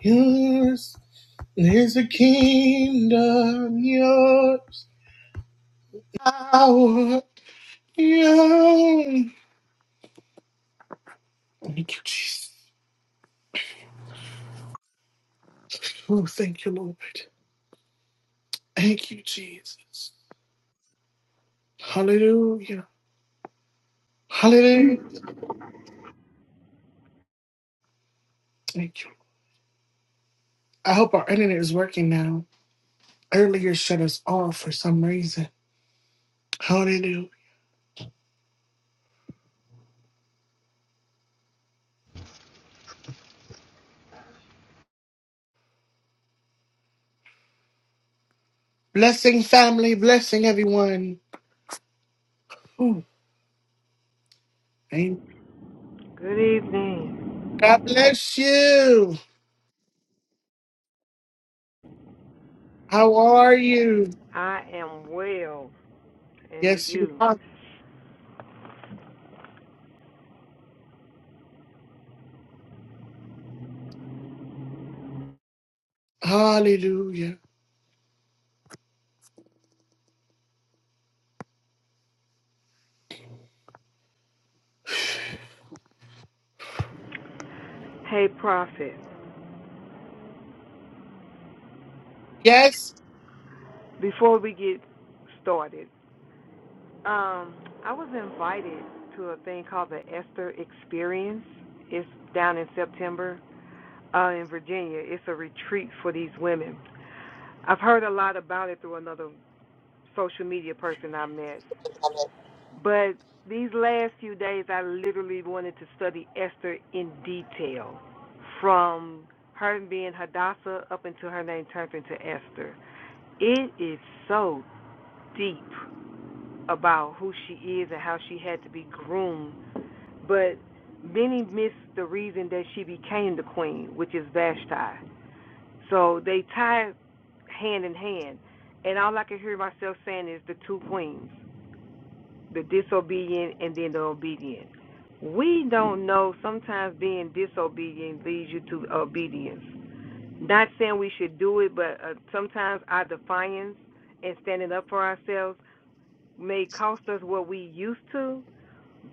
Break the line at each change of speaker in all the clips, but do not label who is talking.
Yours is the kingdom, yours power, yours. Thank you, Jesus. Oh, thank you, Lord. Thank you, Jesus. Hallelujah. Hallelujah. Thank you. I hope our internet is working now. Earlier shut us off for some reason. Hallelujah. Blessing, family. Blessing, everyone. Ooh, amen.
Good evening.
God bless you. How are you?
I am well, and
Yes, you
you.
are. Hallelujah.
Hey, Prophet.
Yes.
Before we get started, um, I was invited to a thing called the Esther Experience. It's down in September uh, in Virginia. It's a retreat for these women. I've heard a lot about it through another social media person I met, But these last few days, I literally wanted to study Esther in detail, from her being Hadassah up until her name turned into Esther. It is so deep about who she is and how she had to be groomed, but many miss the reason that she became the queen, which is Vashti. So they tied hand in hand, and all I could hear myself saying is the two queens. the disobedient and then the obedient. We don't know sometimes being disobedient leads you to obedience. Not saying we should do it, but uh, sometimes our defiance and standing up for ourselves may cost us what we used to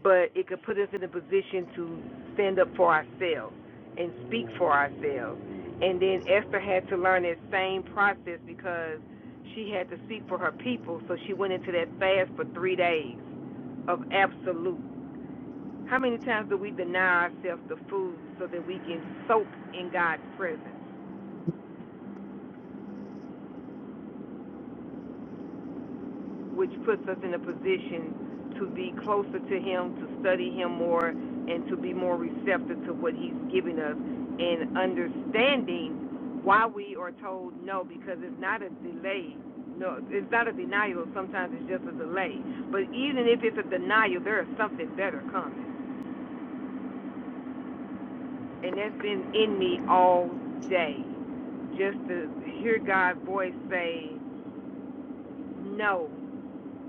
but it could put us in a position to stand up for ourselves and speak for ourselves. And then Esther had to learn that same process because she had to speak for her people, so she went into that fast for three days of absolute. How many times do we deny ourselves the food so that we can soak in God's presence? which puts us in a position to be closer to Him, to study Him more, and to be more receptive to what He's giving us, and understanding why we are told no, because it's not a delay. No, it's not a denial. Sometimes it's just a delay. But even if it's a denial, there is something better coming, and that's been in me all day. Just to hear God's voice say no,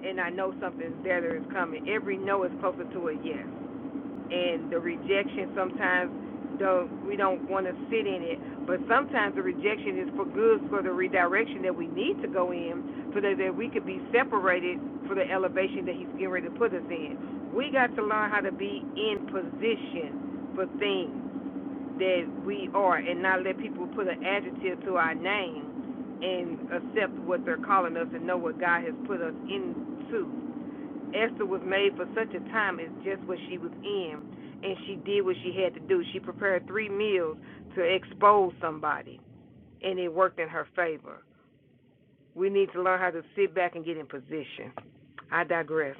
and I know something better is coming. Every no is closer to a yes. and the rejection sometimes don't we don't want to sit in it but sometimes the rejection is for good for the redirection that we need to go in so that, that we could be separated for the elevation that he's getting ready to put us in we got to learn how to be in position for things that we are and not let people put an adjective to our name and accept what they're calling us and know what god has put us into Esther was made for such a time as just what she was in, and she did what she had to do. She prepared three meals to expose somebody, and it worked in her favor. We need to learn how to sit back and get in position. I digress.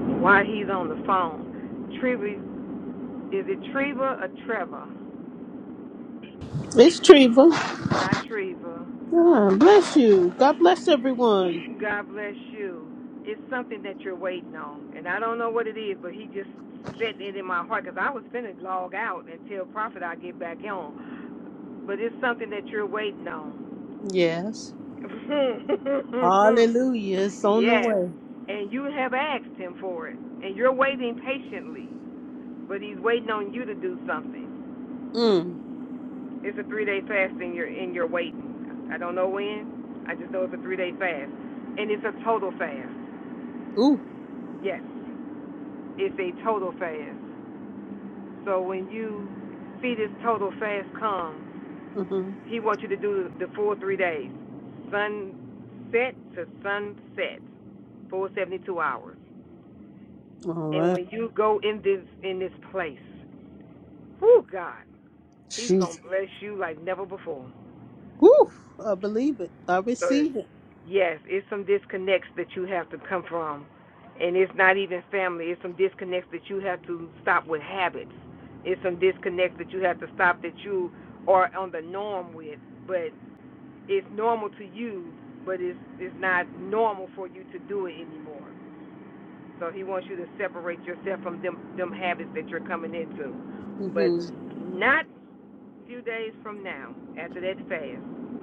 While he's on the phone, Treva, is it Treva or Trevor?
It's Treva.
Hi, Treva.
God bless you. God bless everyone.
God bless you. It's something that you're waiting on, and I don't know what it is, but he just set it in my heart because I was finna log out and tell Prophet I get back on but it's something that you're waiting on.
Yes. Hallelujah. It's on the
yes,
way.
and you have asked him for it, and you're waiting patiently, but he's waiting on you to do something.
Mm.
It's a three-day fast, and you're in your waiting. I don't know when. I just know it's a three-day fast, and it's a total fast.
Ooh.
Yes, it's a total fast. So when you see this total fast come,
Mm-hmm.
he wants you to do the full three days, sunset to sunset. for 72 hours.
All
And
right.
when you go in this in this place, whoo God, He's gonna
Jesus.
bless you like never before.
Woo. I believe it. I
So
receive it.
yes, it's some disconnects that you have to come from, and it's not even family. It's some disconnects that you have to stop with habits. It's some disconnects that you have to stop that you are on the norm with, but it's normal to you, but it's it's not normal for you to do it anymore. So he wants you to separate yourself from them them habits that you're coming into. But
Mm-hmm.
not a few days from now, after that fast,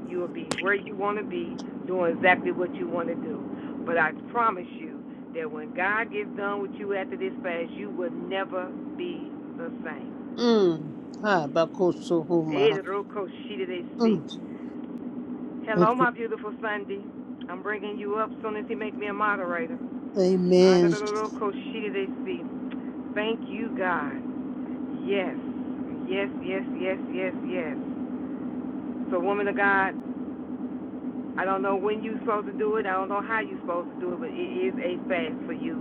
you will be where you want to be, doing exactly what you want to do. But I promise you that when God gets done with you after this fast, you will never be the same.
Mm. Ah, bakosohoma. Mm.
Hello,
Thank you.
my beautiful Sunday. I'm bringing you up as soon as he make me a moderator.
Amen.
Thank you, God. Yes, yes, yes, yes, yes, yes. So, woman of God, I don't know when you're supposed to do it. I don't know how you're supposed to do it, but it is a fast for you,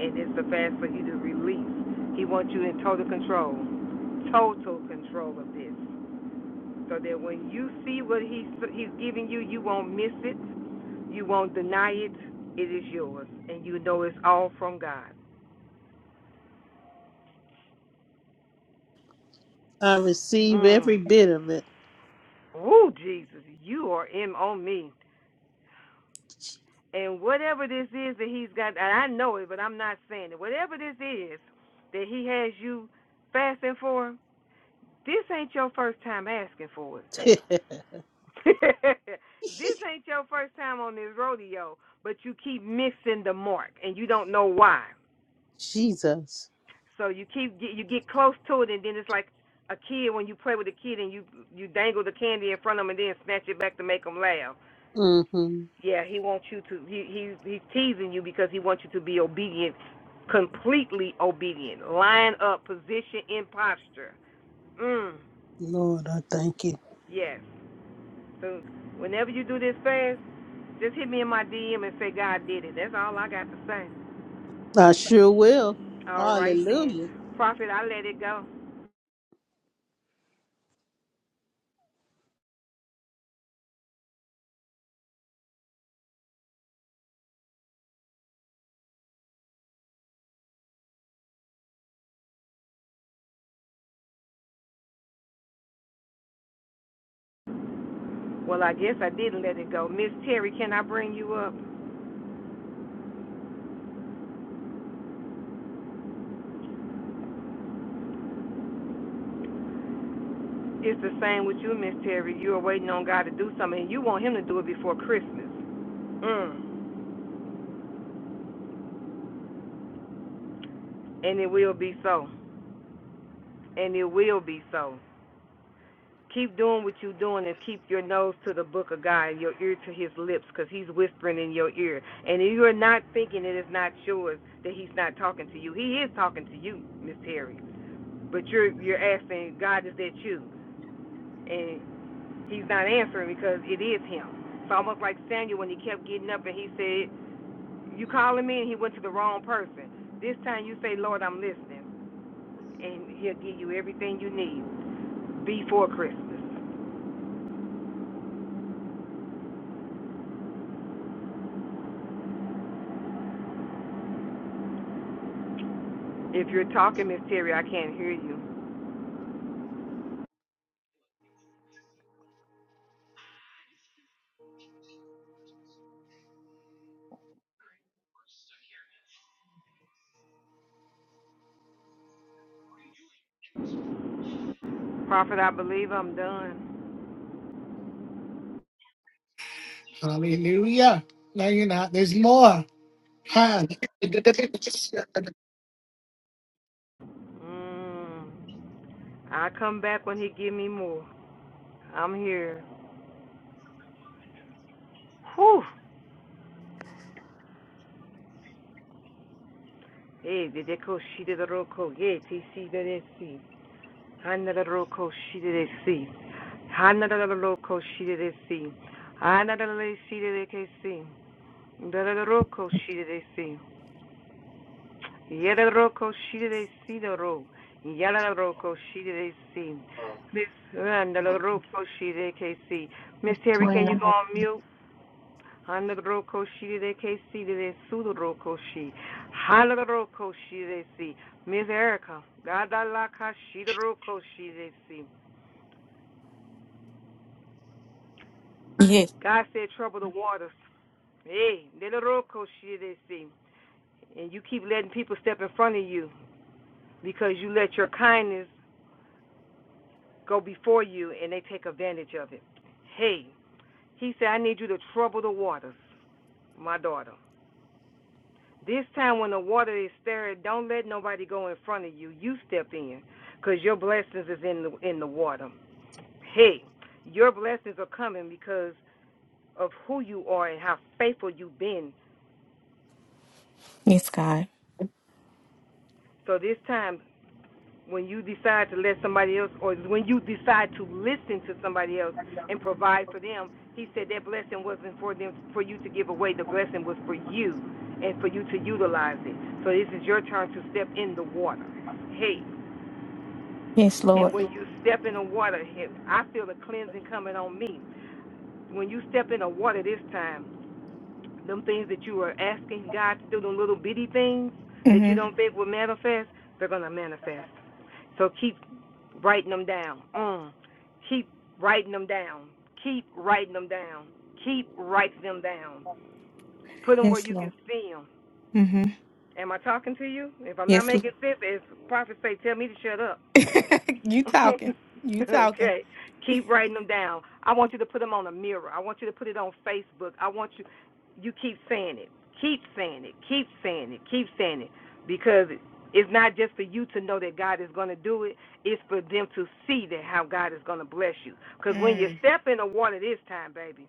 and it's a fast for you to release. He wants you in total control, total control of this, so that when you see what he's he's giving you, you won't miss it, you won't deny it. It is yours, and you know it's all from God.
I receive
Mm.
every bit of it.
Woo, Jesus, you are in on me. And whatever this is that he's got, and I know it, but I'm not saying it. Whatever this is that he has you fasting for, this ain't your first time asking for it. this ain't your first time on this rodeo, but you keep missing the mark and you don't know why.
Jesus.
So you keep you get close to it, and then it's like a kid when you play with a kid and you you dangle the candy in front of them and then snatch it back to make them laugh.
Mm-hmm.
Yeah, he wants you to. He, he's he's teasing you because he wants you to be obedient, completely obedient. Line up, position, in posture. Mm.
Lord, I thank you.
Yes. So whenever you do this fast, just hit me in my DM and say God did it. That's all I got to say.
I sure will.
All right then,
Hallelujah.
Prophet, I let it go. Well, I guess I didn't let it go. Miss Terry, can I bring you up? It's the same with you, Miss Terry. You are waiting on God to do something, and you want Him to do it before Christmas. Mm. And it will be so. and it will be so. Keep doing what you're doing and keep your nose to the book of God and your ear to his lips because he's whispering in your ear. And if you're not thinking it is not yours, that he's not talking to you. He is talking to you, Miss Terry. But you're you're asking, God, is that you? And he's not answering because it is him. It's almost like Samuel when he kept getting up and he said, You calling me? And he went to the wrong person. This time you say, Lord, I'm listening. And he'll give you everything you need before Christmas. If you're talking, Miss Terry, I can't hear you. Prophet, I believe I'm done.
Hallelujah. No, you're not. There's more. Hi.
Mm. I come back when he give me more. I'm here. Whew. Hey, did they call she did a roco? Yeah, TC did it see. Another roco, she did it see. Another roco, she did it see. Another lady she did it see. Another roco, she did it see. Yada roko shiri de si do ro. Yada roko shiri de si. Miss Randa la roko shiri de KC. Miss Terry,
20
can you go on mute? Handa roko shiri de KC de de su do roko shi. Handa roko shiri de si. Miss Erica, Gada la ka the do roko shiri de si.
Yes,
God said trouble the waters. Hey, de la roko shiri de si. And you keep letting people step in front of you because you let your kindness go before you and they take advantage of it. Hey, he said, I need you to trouble the waters, my daughter. This time when the water is stirred, don't let nobody go in front of you. You step in, cause your blessings is in the, in the water. Hey, your blessings are coming because of who you are and how faithful you've been.
yes, God.
So this time, when you decide to let somebody else, or when you decide to listen to somebody else and provide for them, he said that blessing wasn't for them, for you to give away. The blessing was for you and for you to utilize it. So this is your turn to step in the water. Hey,
Yes, Lord.
and when you step in the water, hey, I feel the cleansing coming on me. When you step in the water this time, them things that you were asking God to do, them little bitty things that you
hmm
don't think will manifest, they're going to manifest. So keep writing them down. Mm. Keep writing them down. Keep writing them down. Keep writing them down. Put them where
Yes,
you can
Lord.
see them.
hmm
Am I talking to you? If I'm not
Yes. L-
making sense, as prophets say, tell me to shut up.
you talking. You talking.
okay. Keep writing them down. I want you to put them on a mirror. I want you to put it on Facebook. I want you you keep saying it. Keep saying it. Keep saying it. Keep saying it because it's not just for you to know that God is going to do it. It's for them to see that how God is going to bless you. Because when you
Mm.
step in the water this time, baby,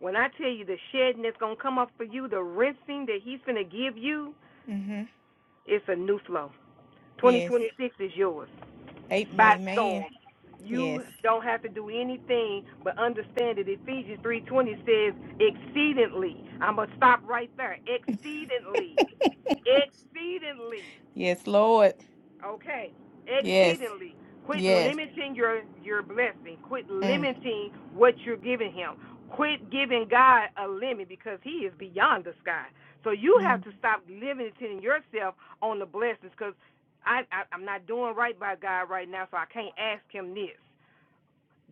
when I tell you the shedding that's going to come up for you, the rinsing that He's going to give you,
hmm
it's a new flow.
Yes.
2026 is yours
A-
by
Amen.
storm. You
Yes.
don't have to do anything but understand it. Ephesians 3:20 says exceedingly. I'm going to stop right there. Exceedingly. Exceedingly.
Yes, Lord.
Okay.
Yes.
Exceedingly. Quit
Yes.
limiting your your blessing. Quit
Mm,
limiting what you're giving him. Quit giving God a limit because he is beyond the sky. So you have
mm,
to stop limiting yourself on the blessings because I, I I'm not doing right by God right now, so I can't ask him this.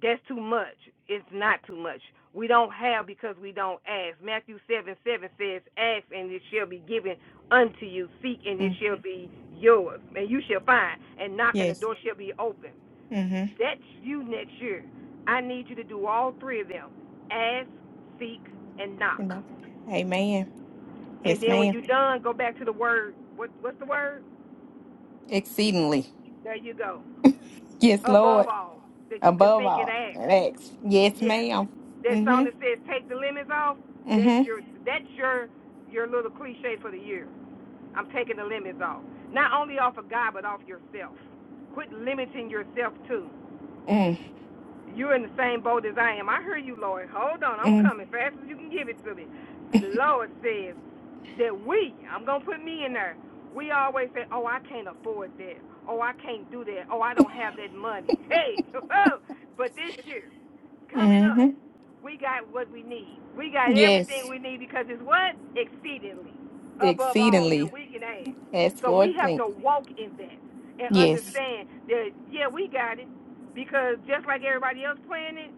That's too much. It's not too much. We don't have because we don't ask. Matthew 7 7 says, Ask and it shall be given unto you. Seek and it
mm.
shall be yours. And you shall find. And knock and the
Yes.
door shall be open.
Mm-hmm.
That's you next year. I need you to do all three of them ask, seek, and knock.
You know. Amen.
And
Yes,
then when
ma'am.
you're done, go back to the word. What, what's the word?
Exceedingly.
There you go.
Yes, Lord.
Above all, that you can
Above
think and
all.
ask.
Next. Yes,
Yes.
ma'am.
That song
Mm-hmm.
that says "Take the limits off." That's
Mm-hmm.
your that's your your little cliche for the year. I'm taking the limits off. Not only off of God, but off yourself. Quit limiting yourself too.
Mm.
You're in the same boat as I am. I hear you, Lord. Hold on, I'm
Mm.
coming fast as you can give it to me. The Lord says that we. I'm gonna put me in there. We always say, "Oh, I can't afford that. Oh, I can't do that. Oh, I don't have that money." Hey, but this year coming up
Mm-hmm.
we got what we need. We got everything
Yes.
we need because it's what? Exceedingly above all that
Exceedingly.
we can ask. So we
Escort
have
thing.
to walk in that and
Yes.
understand that, yeah, we got it because just like everybody else playing it,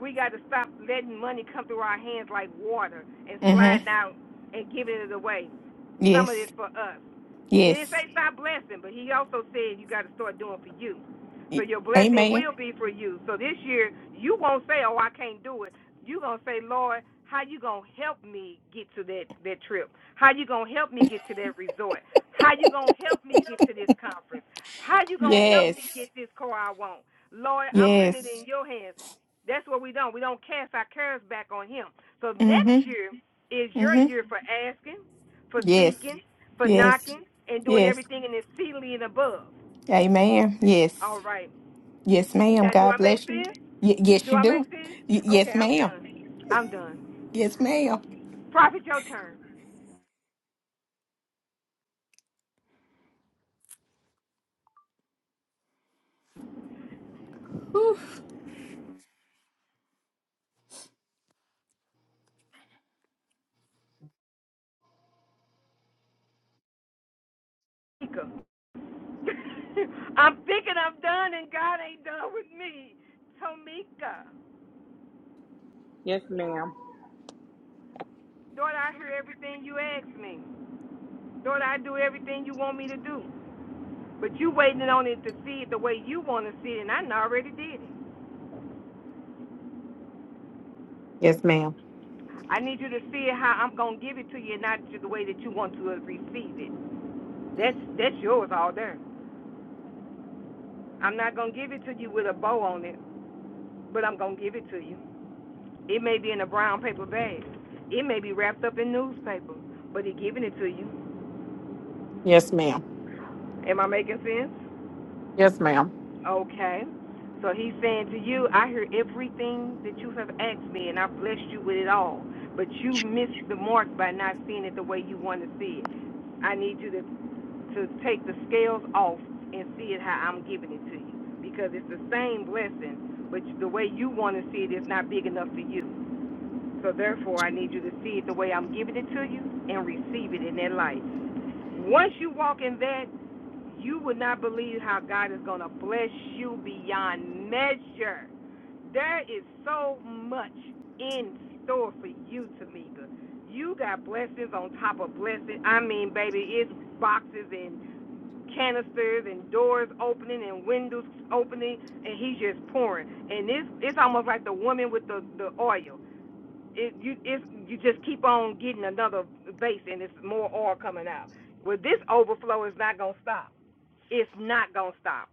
we got to stop letting money come through our hands like water and
Mm-hmm.
sliding out and giving it away. Some of
Yes.
it's for us. He didn't
Yes.
say stop blessing, but he also said you got to start doing for you. So
Y-
your blessing
Amen.
will be for you. So this year, you won't say, "Oh, I can't do it." You gonna say, "Lord, how you gonna help me get to that that trip? How you gonna help me get to that resort? How you gonna help me get to this conference? How you gonna help
Yes.
me get this car I want? Lord, I'm putting it
Yes.
in your hands." That's what we don't. We don't cast our cares back on Him. So next
Mm-hmm.
year is your
Mm-hmm.
year for asking, for
Yes.
seeking, for
Yes.
knocking and doing
Yes.
everything in exceedingly and above.
Amen. Yes.
All right.
Yes, ma'am.
Now, do
God
I make
bless you.
sense?
Y- yes,
Do
you
I make
do.
sense?
Y-
Okay,
yes,
I'm
ma'am.
done. I'm done.
Yes, ma'am.
Prophet, your turn.
Whew.
Tamika. I'm thinking I'm done and God ain't done with me. Tomika.
Yes, ma'am.
Lord, I hear everything you ask me. Lord, I do everything you want me to do. But you waiting on it to see it the way you want to see it, and I already did it.
Yes, ma'am.
I need you to see it how I'm going to give it to you, and not the way that you want to receive it. That's that's yours all there. I'm not gonna give it to you with a bow on it, but I'm gonna give it to you. It may be in a brown paper bag. It may be wrapped up in newspaper, but he's giving it to you.
Yes, ma'am.
Am I making sense?
Yes, ma'am.
Okay. So he's saying to you, I hear everything that you have asked me and I blessed you with it all. But you missed the mark by not seeing it the way you want to see it. I need you to to take the scales off and see it how I'm giving it to you. Because it's the same blessing, but the way you want to see it is not big enough for you. So therefore, I need you to see it the way I'm giving it to you and receive it in that light. Once you walk in that, you will not believe how God is going to bless you beyond measure. There is so much in store for you, Tamika. You got blessings on top of blessings. I mean, baby, it's boxes and canisters and doors opening and windows opening and he's just pouring and it's it's almost like the woman with the the oil it you it's you just keep on getting another vase and it's more oil coming out well this overflow is not going to stop it's not going to stop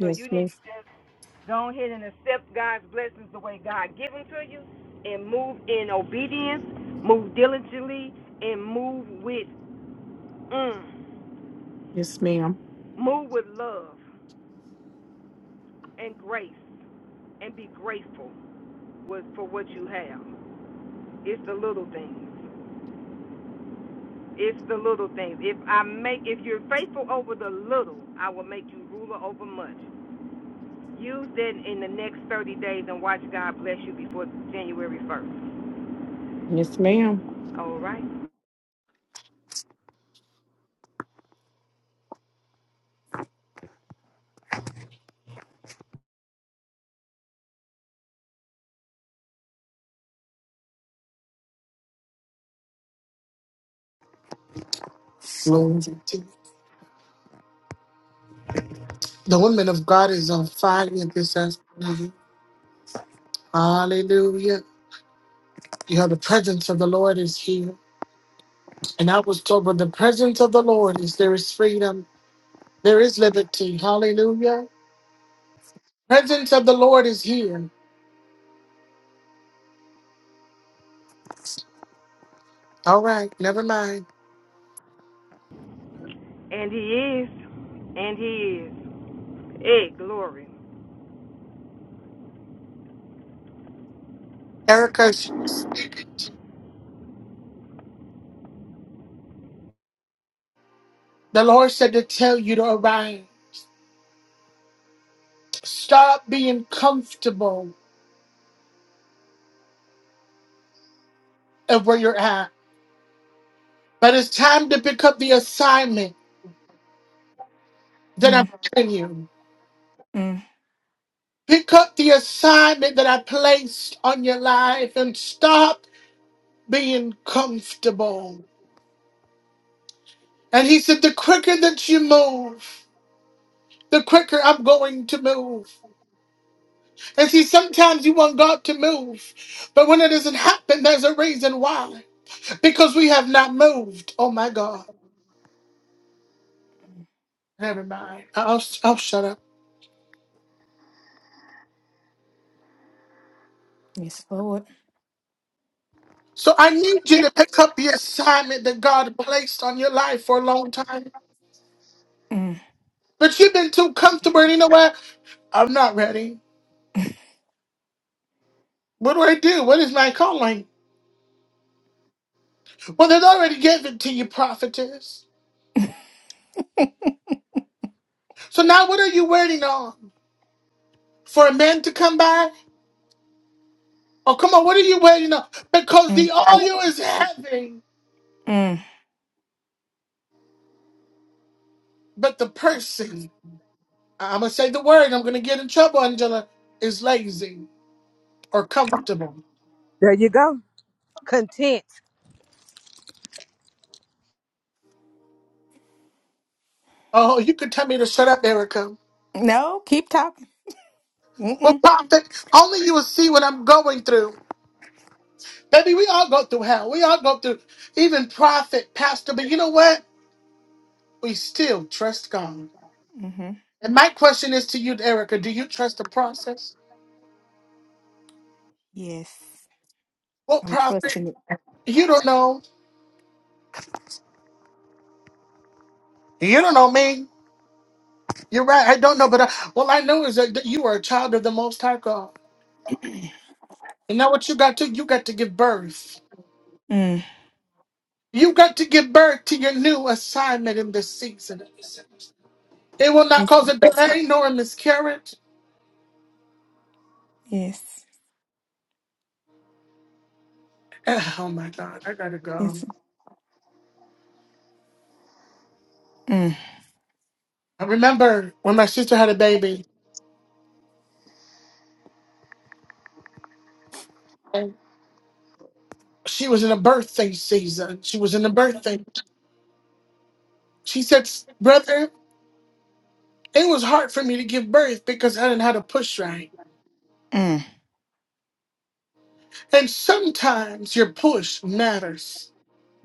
so you need
miss.
to just go ahead and accept god's blessings the way god gives them to you and move in obedience move diligently and move with mm,
Yes, ma'am.
move with love and grace and be grateful with, for what you have. It's the little things. It's the little things. If I make, if you're faithful over the little, I will make you ruler over much. Use that in the next 30 days and watch God bless you before January 1st.
Yes, ma'am.
All right.
Glory to God. The woman of God is on fire this afternoon. Hallelujah. You know, the presence of the Lord is here. And I was told, when the presence of the Lord is there is freedom, there is liberty. Hallelujah. Presence of the Lord is here. All right, never mind.
And He is. And He is. Hey, glory.
Erica, the Lord said to tell you to arise. Stop being comfortable of where you're at. But it's time to pick up the assignment that I'm
Mm,
giving you.
mm.
Pick up the assignment that I placed on your life and stop being comfortable. And he said, The quicker that you move, the quicker I'm going to move. And see, sometimes you want God to move, but when it doesn't happen, there's a reason why. Because we have not moved. Oh my God. Never mind. I'll, I'll shut up.
Yes, Lord.
So I need you to pick up the assignment that God placed on your life for a long time.
Mm,
But you've been too comfortable, and you know what? I'm not ready. What do I do? What is my calling? Well, they've already given to you, prophetess. So now what are you waiting on? For a man to come by? Oh, come on, what are you waiting on? Because
mm,
the audio is heavy,
mm.
but the person, I'm going to say the word, I'm going to get in trouble, Angela, is lazy or comfortable.
There you go. Content.
Oh, you could tell me to shut up, Erica.
No, keep talking.
Well,
Mm-mm.
prophet, only you will see what I'm going through. Baby, we all go through hell. We all go through even prophet, pastor, but you know what? We still trust God.
Mm-hmm.
And my question is to you, Erica, do you trust the process?
Yes,
What
I'm
prophet?
trusting it.
You don't know. You don't know me. You're right. I don't know, but I, all I know is that that you are a child of the Most High God. And now what you got to, you got to give birth.
Mm.
You got to give birth to your new assignment in this season. It will not
Yes,
cause
ma'am.
a delay nor a miscarriage.
Yes.
Oh my God, I gotta go.
Yes. Mm,
I remember when my sister had a baby, and she was in a birthday season. She was in a birthday. She said, Brother, it was hard for me to give birth because I didn't know how to push right.
mm,
And sometimes your push matters.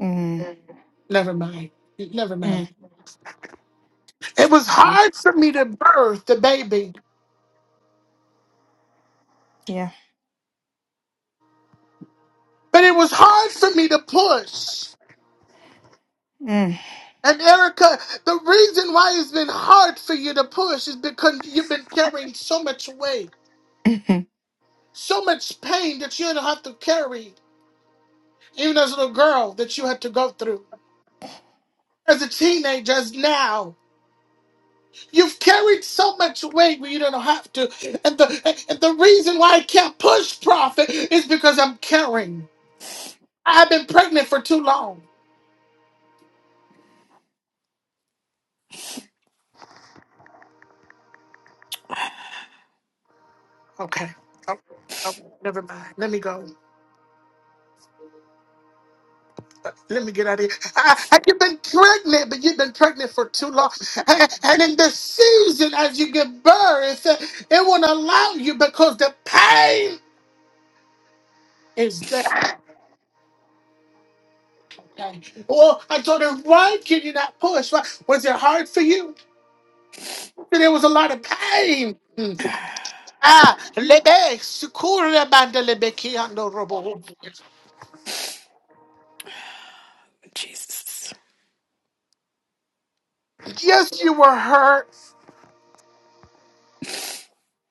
mm,
Never mind. Never
mm.
mind. It was hard for me to birth the baby,
Yeah.
but it was hard for me to push.
Mm.
And Erica, the reason why it's been hard for you to push is because you've been carrying so much weight
Mhm.
so much pain that you don't have to carry. even as a little girl that you had to go through as a teenager as now you've carried so much weight where you don't have to and the and the reason why i can't push profit is because i'm carrying i've been pregnant for too long okay oh, oh, never mind let me go Uh, let me get out of here. I, I, you've been pregnant, but you've been pregnant for too long. Uh, And in the season, as you give birth, uh, it won't allow you because the pain is there. Well, I told her, why can you not push? Why? Was it hard for you? And There was a lot of pain. Mm. Ah, lebe, sukura banda lebe kiando robo.
Jesus.
Yes, you were hurt.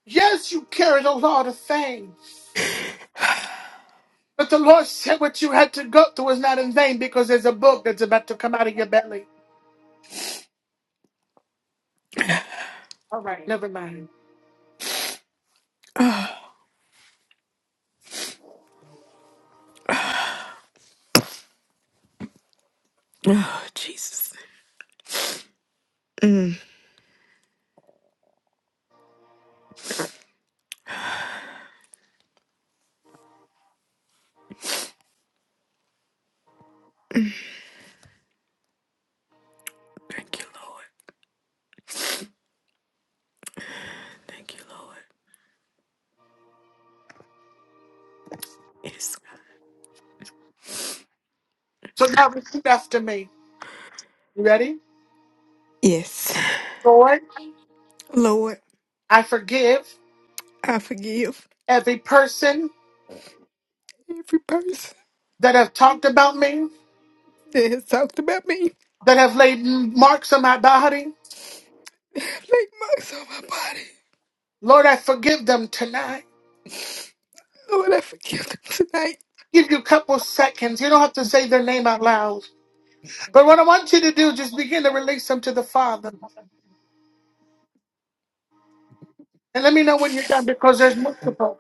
Yes, you carried a lot of things. But the Lord said what you had to go through is not in vain because there's a book that's about to come out of your belly. Never mind.
Oh, Jesus. Thank you, Lord. Thank you, Lord. Yes.
So now repeat after me. You ready?
Yes.
Lord,
Lord,
I forgive
I forgive
every person
every person.
that have talked about me.
that has talked about me,
that have laid marks on my body.
like marks on my body.
Lord, I forgive them tonight.
Lord, I forgive them tonight.
Give you a couple seconds. You don't have to say their name out loud. But what I want you to do, just begin to release them to the Father. And let me know when you're done because there's multiple.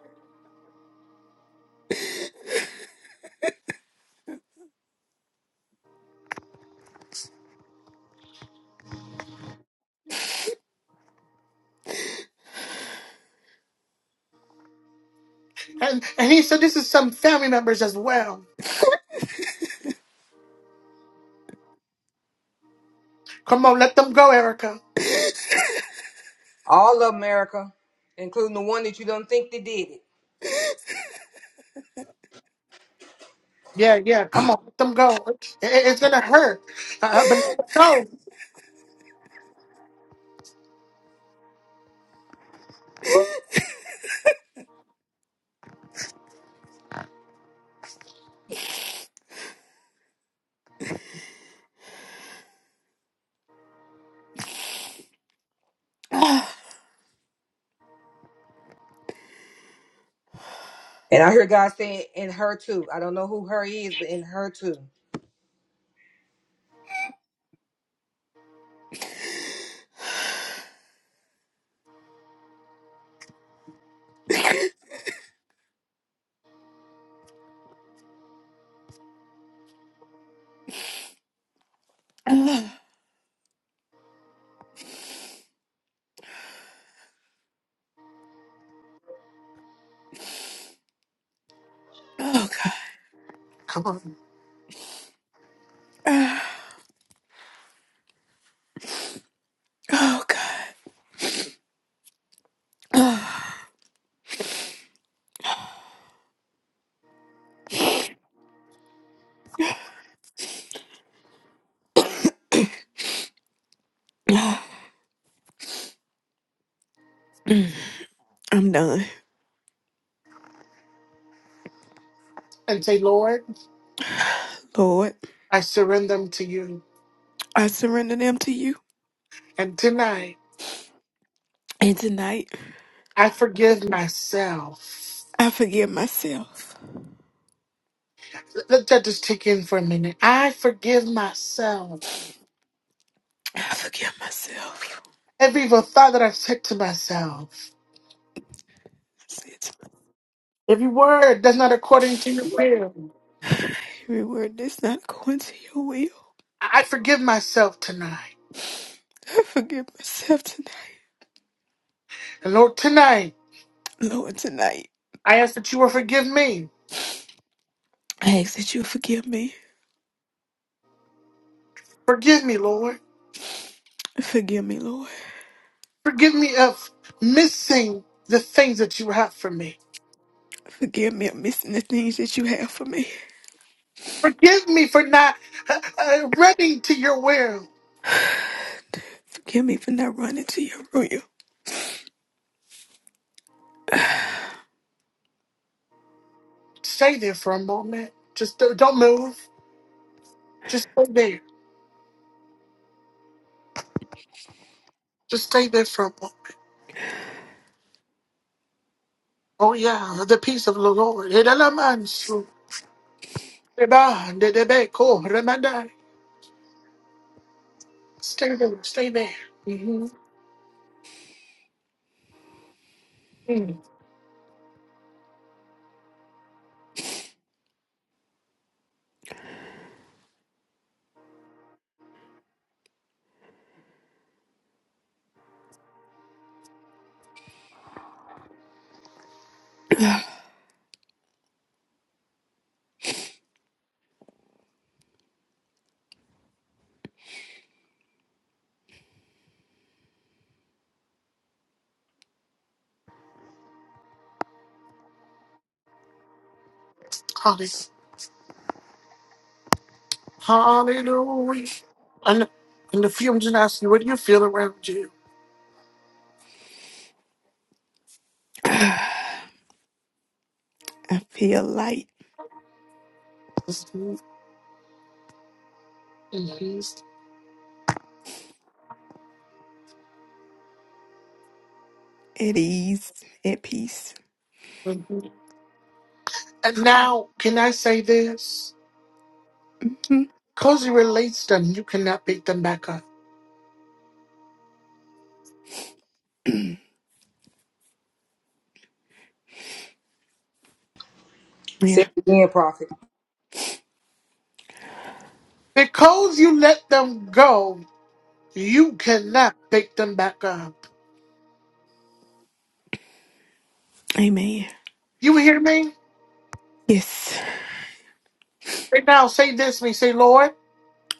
And, and he said, this is some family members as well. Come on, let them go, Erica.
All of America, including the one that you don't think that did it.
Yeah, yeah, come on, let them go. It- it- it's going to hurt, uh, but let them go.
And I hear God saying, in her too. I don't know who her is, but in her too.
Oh God.
Come on.
Ah, Oh God. Ah, I'm done.
And say, Lord,
Lord,
I surrender them to you.
I surrender them to you.
And tonight,
And tonight,
I forgive myself.
I forgive myself.
Let that just take in for a minute. I forgive myself.
I forgive myself.
Every evil thought that I've said to myself.
I said to my
Every word that's not according to your will.
every word that's not according to your will.
I I forgive myself tonight.
I forgive myself tonight.
And Lord, tonight,
Lord, tonight,
I ask that you will forgive me.
I ask that you forgive me.
Forgive me, Lord.
Forgive me, Lord.
Forgive me of missing the things that you have for me.
Forgive me of missing the things that you have for me.
Forgive me for not uh, uh, running to your will.
Forgive me for not running to your room.
Stay there for a moment. Just do don't move. Just stay there. Just stay there for a moment. Oh yeah, the peace of the Lord. It Elements, Reba, de- de- be- ko, remanda. Stay there, stay there. Mm-hmm. Hallelujah. And, and the fumes and asking, what do you feel around you?
I feel light,
Mhm, mhm,
at ease, at peace.
mhm. And now, can I say this?
hmm
Because you released them, you cannot pick them back up.
Yeah.
Because you let them go, you cannot pick them back up.
Amen.
You hear me?
Yes.
Right now, say this to me. Say, Lord.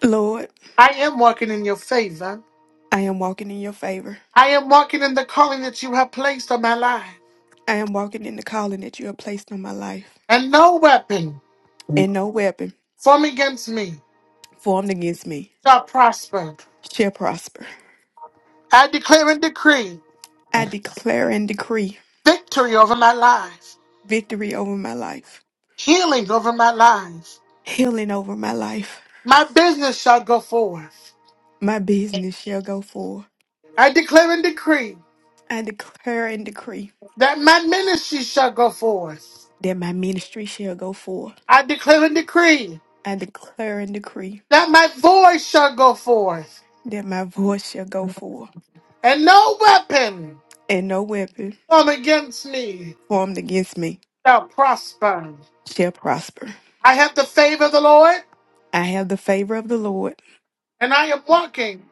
Lord,
I am walking in your favor.
I am walking in your favor.
I am walking in the calling that you have placed on my life.
I am walking in the calling that you have placed on my life,
And no weapon
and no weapon
formed against me
formed against me
shall prosper.
shall prosper.
I declare and decree
I declare and decree
victory over my life,
victory over my life,
healing over my life.
healing over my life.
My business shall go forth.
My business shall go forth.
I declare and decree
I declare and decree
that my ministry shall go forth.
that my ministry shall go forth.
I declare and decree
I declare and decree
that my voice shall go forth.
that my voice shall go forth.
And no weapon
and no weapon
formed against me
formed against me
shall prosper.
shall prosper.
I have the favor of the Lord,
I have the favor of the Lord,
and I am walking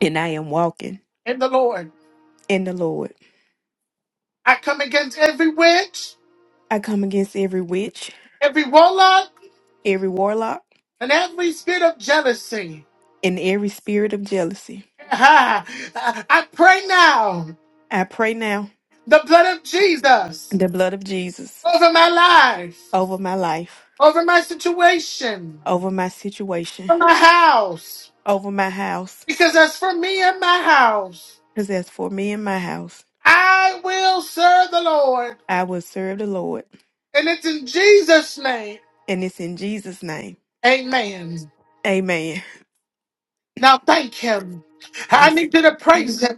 and I am walking
in the Lord.
in the Lord.
I come against every witch,
I come against every witch,
every warlock,
every warlock,
and every spirit of jealousy.
and every spirit of jealousy.
Ah, I pray now
I pray now
the blood of Jesus
the blood of Jesus
over my life,
over my life,
over my situation,
over my situation,
over my house.
over my house,
Because as for me and my house,
because as for me and my house,
I will serve the Lord.
I will serve the Lord,
And it's in Jesus' name.
and it's in Jesus' name.
Amen.
Amen.
Now thank him. I
Yes.
need you to praise him.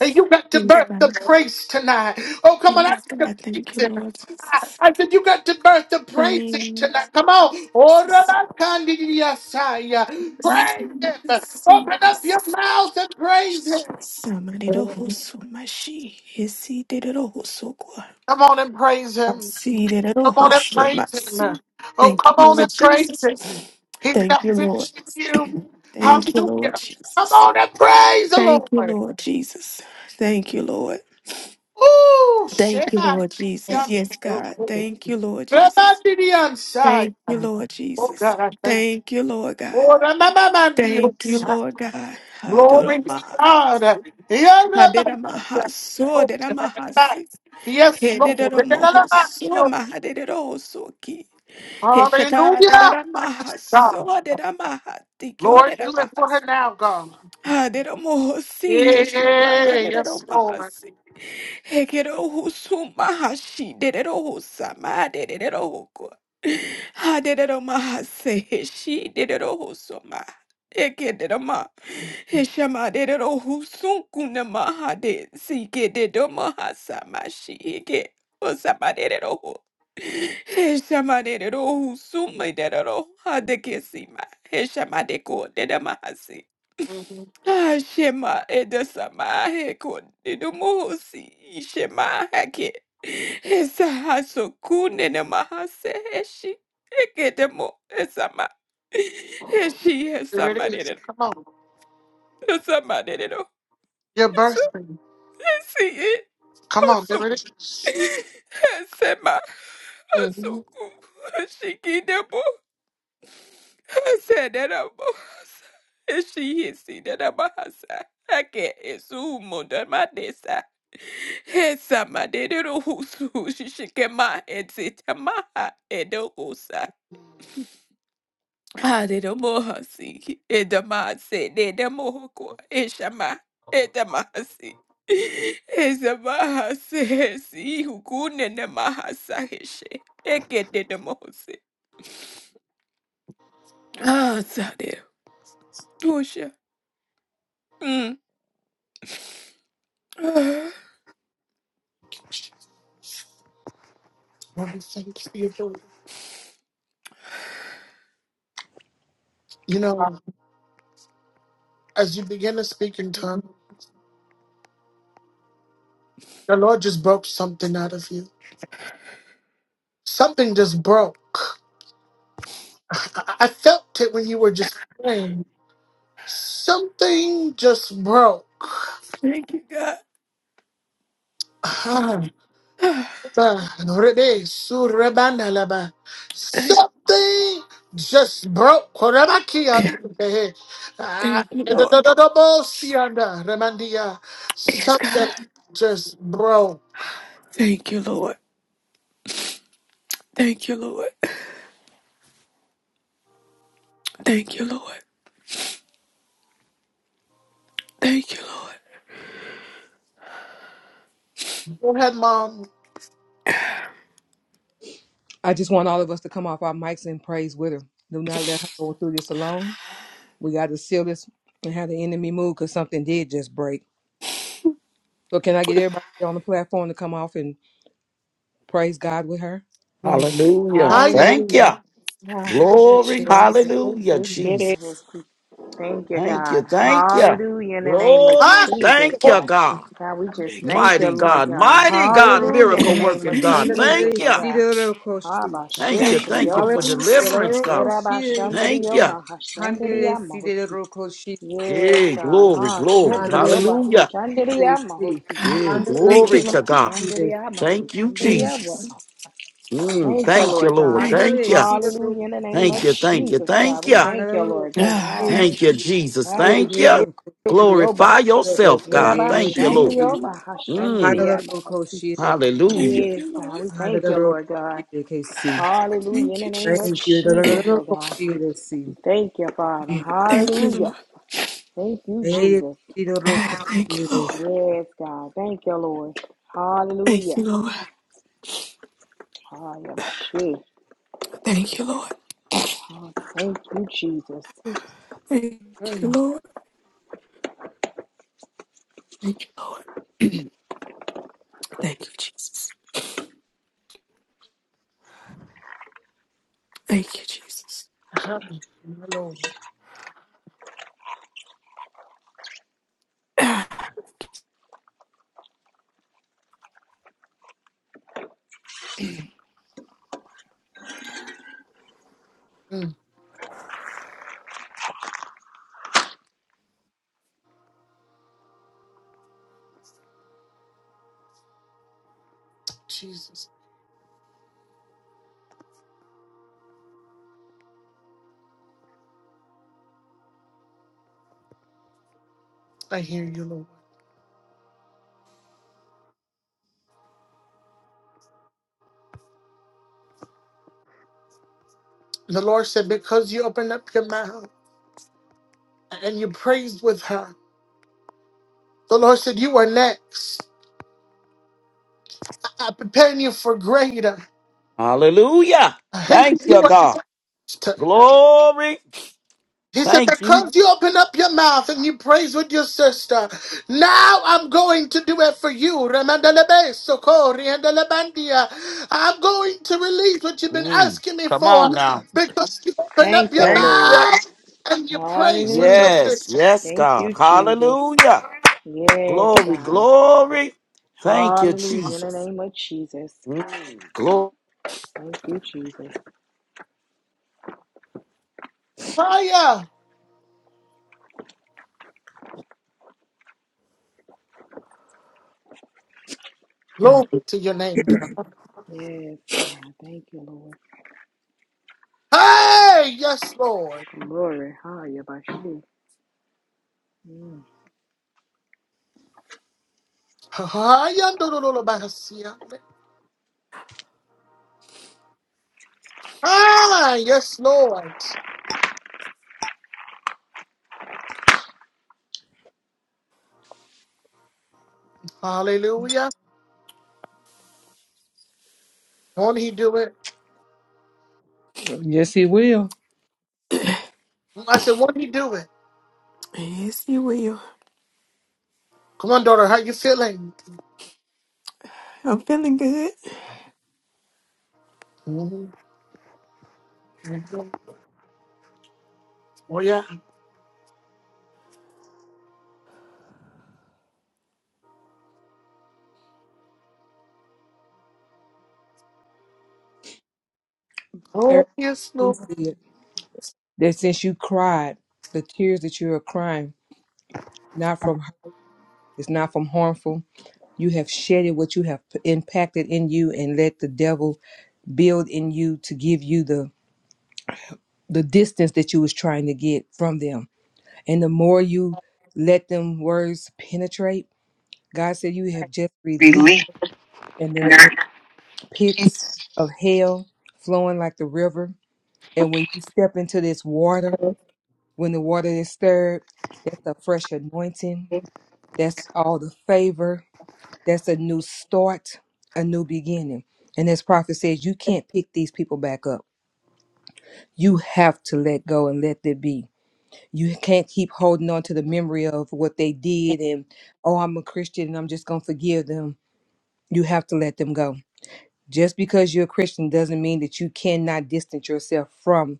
You got to
Yes,
birth the
God.
praise tonight. Oh, come on, I
Yes,
need you to
God. Thank
praise
you,
him.
Lord
I,
Jesus.
I said you got to birth the praising tonight. Come on. Oh, Rabakandidiyasaya. Praise him. Open up your
Samarero
mouth and praise him.
husu mashi hisidero husu kwa
Come on and praise him.
asidero
Come on and
husu
praise him.
masi.
Oh,
Thank you,
come on
Lord
and praise
Jesus.
him. He's
Thank
not
you, Lord.
finished with you.
Thank you, Lord
Hallelujah. Come
Jesus.
on and praise the
Thank you,
Lord.
Lord Jesus. Thank you, Lord.
Ooh,
Thank you,
Shema.
Lord Jesus. Yes, God. Thank you, Lord Jesus.
Ramandian side.
Thank you, Lord
Oh
Jesus.
God, I thank you.
Thank you, Lord God.
Oh, Ramamandian
Thank you,
side.
Lord God.
Glory to
Adorama.
God. Yeah, Ramamandian.
Aderamahaso,
Oh, Shema.
aderamahasi.
Yes, Lord.
Hededoromohoso,
Ramandian.
mahadedorohosoki. Heshaka,
Hallelujah. Yes, God.
aderamahaso, aderamahati, kyo,
Lord, do it for her
aderamahasi.
now, God.
Aderomohosi, heshoma,
Yeah, yes, Lord.
aderomahasi. husu mahashi, dederohosa, madederohoko. Aderomahase, heshi, dederohoso, ma. Ekederoma. Heshamarero husukuna mahade sikede domaha samashige osamarero ho. Heshamarero husumaderero hadekesima heshamadeko dedamahasi.
Mhm.
Ah, Shema edesamahe kodedomohosi shema hake. Esa hasokune namahase heshi ekedemo esama. Heshi
There it is.
esamarero
Come on.
esamarero
Your birthday.
Siye
Come on, there
osu
it is.
sema
Mm-hmm.
asuku shikide bo sedera bo shiye sidera bahasa ake esu munda madesa hesa madero husu shikema etsitama edo Haredomohasi, edamase, nedamohoko, eshama, edamasi. Ezamahase, hesi, hukune namahasa, heshe, ekededamohose. Ah, Sadeo, Dosha. Mm. Ah,
Lord, thank you. You know, as you begin to speak in tongues, the Lord just broke something out of you. Something just broke. I, I I felt it when you were just praying. Something just broke.
Thank you, God.
Ah, ah, rebe, su, rebana, laba.
Thank you.
Something just broke. Korabaki, and, eh, ah,
Thank you,
eh, do,
Lord.
do, do, do, bo, si, and, ah, remandia.
Yes, God.
Something just broke.
Thank you, Lord. Thank you, Lord. Thank you, Lord. Thank you, Lord.
Go ahead, mom.
I just want all of us to come off our mics and praise with her. Do not let her go through this alone. We got to seal this and have the enemy move because something did just break. So, can I get everybody on the platform to come off and praise God with her?
Glory.
Hallelujah.
Higher.
Thank you.
Hallelujah.
Glory.
Jesus.
Hallelujah,
Get it. Yes,
Jesus.
we thank you,
Thank you.
God.
Thank you.
Hallelujah. In the name of
Glory.
Higher.
Jesus,
Thank you,
God.
God.
God, we just
Thank you.
thank
Jesus.
you,
Mighty
Lord
God.
God.
Mighty God.
Hallelujah.
Sidoroko.
In the
Miracle
name of
working
Thank
God.
you.
Jesus,
Thank
Andalele
oh
you.
God.
sidoroko shi.
Abba,
Thank you.
Thank you.
Thank you for
Hallelujah.
Shetrioba.
deliverance, God.
Loroko
Yeraba,
shi.
Thank you.
Shandrioba,
Handalele
Hashandria, Mahosi.
sidoroko shi.
Yes,
Yeah,
God.
glory,
Ha,
glory.
Shetrioba,
Handaloroko
Hallelujah.
shi de
Hashandria,
si.
Mahosi.
Yeah,
Handaloroko
Thank you,
glory
Lord.
to
Reba,
God.
shi de
shandariaba,
Thank you,
Thank
shandariaba.
you.
Jesus.
Lord.
si.
Mm,
Thank you,
thank you,
Lord
Lord.
God.
Thank you,
Thank
Handalele
you.
Jesus.
Hallelujah.
sidoroko
In the
shi
name
de
Thank
of
you.
si.
Thank you.
Jesus, God.
Thank
We
you.
Thank
thank you, Lord
you.
God.
Ah,
Ha,
Yes,
thank
Thank
you.
you, Jesus.
ha, ma,
Thank
shi,
you.
rioba.
Glorify yourself, God.
Yeraba,
Thank you,
Thank
Lord.
you. Lord.
shandioba, ha,
Mm,
shandariaba, ha, si.
hallelujah.
Thank
Yes,
you, Lord.
God. We thank you, Lord God. Hallelujah. In
Thank
the
you,
name of
Jesus.
Jesus, oh God. We Thank you, Father.
Thank you, Lord.
Hallelujah. Thank you, Jesus.
Ah, Thank you, Lord.
Yes, God. Thank you, Lord.
Thank
Hallelujah.
you, Lord.
Hallelujah.
Thank you, Lord.
Thank you, Jesus.
Thank you,
Mm.
Lord. Thank you, Lord. Thank you, Jesus. Thank you, Jesus.
Higher, my Lord.
Ah,
Mm. Jesus, I hear you, Lord. The Lord said, because you opened up your mouth and you praised with her, the Lord said, you are next. I- I'm preparing you for greater.
Hallelujah.
I hate
Thank
you
you,
are
God.
next.
Glory.
He said,
Thank you.
because you open up your mouth and you praise with your sister, now I'm going to do it for you. Remandelebe, sokori, andelebandia. I'm going to release what you've been
Mm,
asking me
come
for
on now.
because you open up
Thank you,
your
Thank
Lord.
you.
mouth and you praise with your
Hallelujah.
Yes,
sister.
yes,
Thank you,
God.
Jesus.
Hallelujah.
Yes,
Glory,
God.
glory. Thank you,
Hallelujah. In the
Jesus.
name of Jesus.
Mm, glory.
Thank you, Jesus.
Higher. Glory to your name, God.
Yes, God. Thank you, Lord.
Hey, yes, Lord.
Glory. Hallelujah. Bashu. Mm.
Hi, andololobasia. Ah, yes, Lord. Hallelujah. Won't he do it?
he will.
I said, won't he do it?
Yes, you will.
Come on, daughter, how you feeling?
I'm feeling good.
Mhm. Oh yeah.
Eric,
Oh yes,
we
Lord.
see it. That since you cried, the tears that you are crying, not from hurt, it's not from harmful. You have shedded what you have p- impacted in you and let the devil build in you to give you the the distance that you was trying to get from them. And the more you let them words penetrate, God said you have just released
relief.
and they're in pits of hell flowing like the river. And when you step into this water, when the water is stirred, that's a fresh anointing. That's all the favor. That's a new start, a new beginning. And as prophet says, you can't pick these people back up. You have to let go and let it be you can't keep holding on to the memory of what they did and oh i'm a christian and i'm just going to forgive them you have to let them go just because you're a christian doesn't mean that you cannot distance yourself from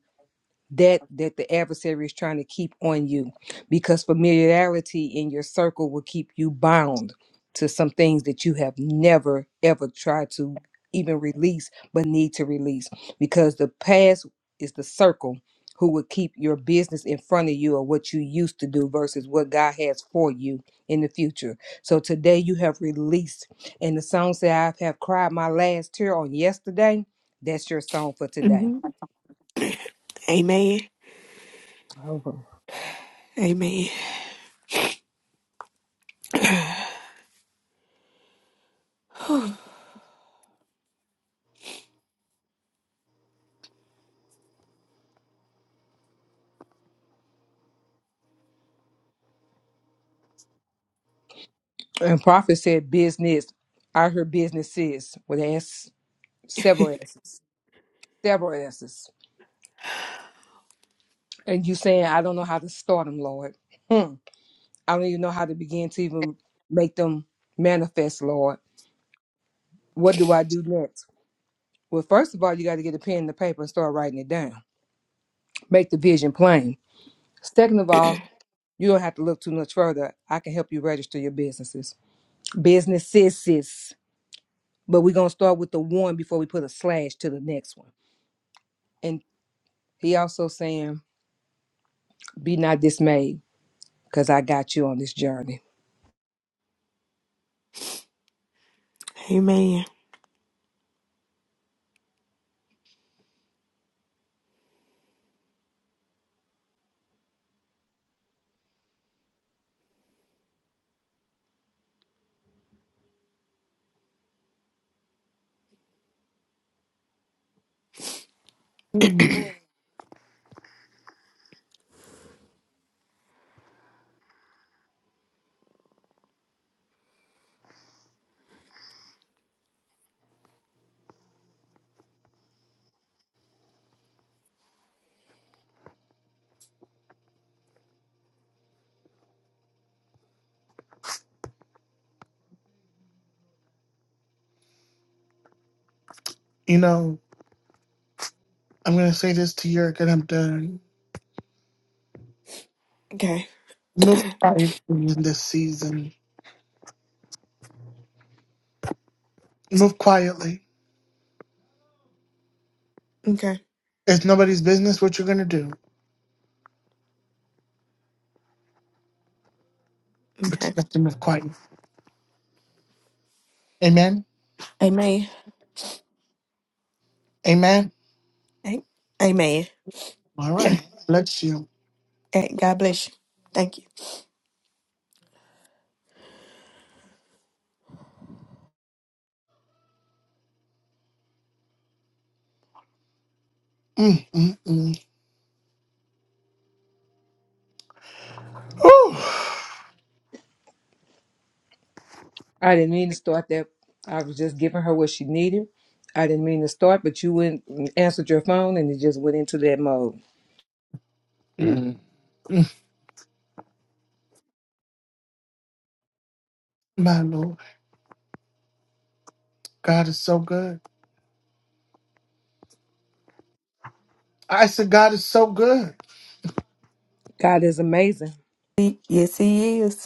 that that the adversary is trying to keep on you because familiarity in your circle will keep you bound to some things that you have never ever tried to even release but need to release because the past is the circle who will keep your business in front of you or what you used to do versus what God has for you in the future. So today you have released and the song said I have cried my last tear on yesterday. That's your song for today
Amen. Amen.
And Prophet said business. I heard businesses with S, several S's, several S's. And you saying, I don't know how to start them, Lord. Hmm. I don't even know how to begin to even make them manifest, Lord. What do I do next? Well, first of all, you got to get a pen and the paper and start writing it down. Make the vision plain. Second of all, you don't have to look too much further. I can help you register your businesses. Businesses. But we're going to start with the one before we put a slash to the next one. and. He also saying, Be not dismayed, because I got you on this journey.
Amen.
Mm. You know, I'm gonna say this to you, and I'm done.
Okay.
Move quietly in this season. Move quietly.
Okay.
It's nobody's business what you're gonna do, but you
Okay.
have to move quietly. Amen.
Amen.
Amen.
A- Amen.
All right. Bless you.
Eh, God bless you. Thank
Mm, mm, mm. Ooh.
I didn't mean to start that. I was just giving her what she needed. I didn't mean to start, but you went and answered your phone and it just went into that mode.
Mm, mm. My Lord, God is so good. I said, God is so good.
God is amazing.
you. Yes, He is.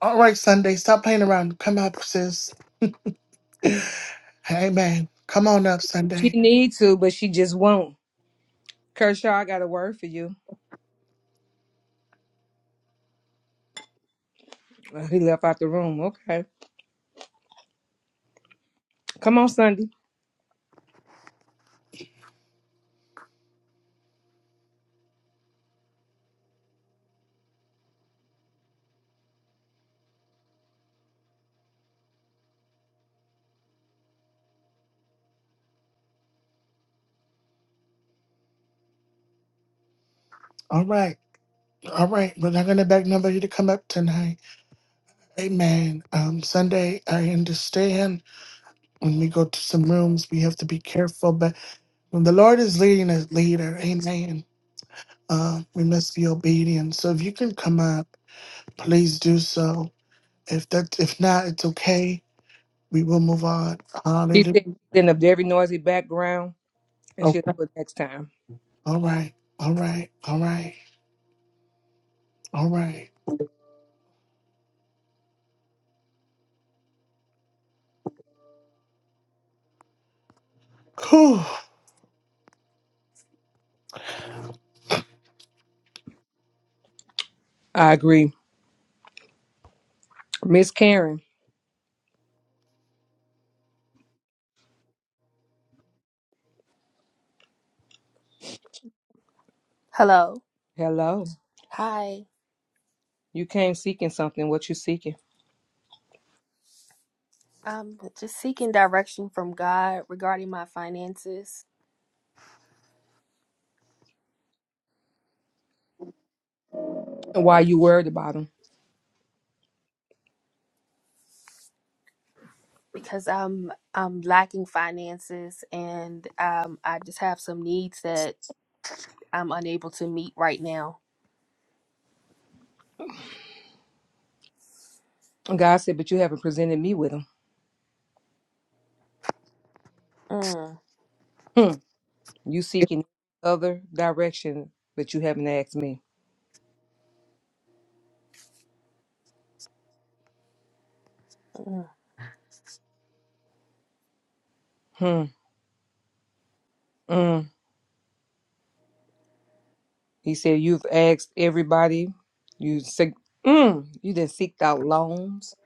All right, Sunday, stop playing around. Come up, sis. Amen. Come on up
She
Sunday.
needs to, but she just won't. Kershaw, I got a word for you. Uh, He left out the room. Okay. Come on, Sunday.
All right. All right. We're not going to beg nobody to come up tonight. Amen. Um, Sunday, I understand when we go to some rooms, we have to be careful. But when the Lord is leading us, leader, amen, uh, we must be obedient. So if you can come up, please do so. If that, if not, it's okay. We will move on.
He
Hallelujah.
said she's up a very noisy background and she'll
Okay.
do it next time.
All right. All right. All right. All right. Cool.
I agree. Miss Karen,
Hello.
hello.
Hi.
You came seeking something. What you seeking?
I'm just seeking direction from God regarding my finances
And why you worried about him?
because I'm I'm lacking finances and um I just have some needs that I'm unable to meet right now.
God said, but you haven't presented me with them.
Mm,
Hmm. You seeking other direction, but you haven't asked me.
mm.
Hmm. Mm. He said, you've asked everybody. You seek, mm. you did seeked out loans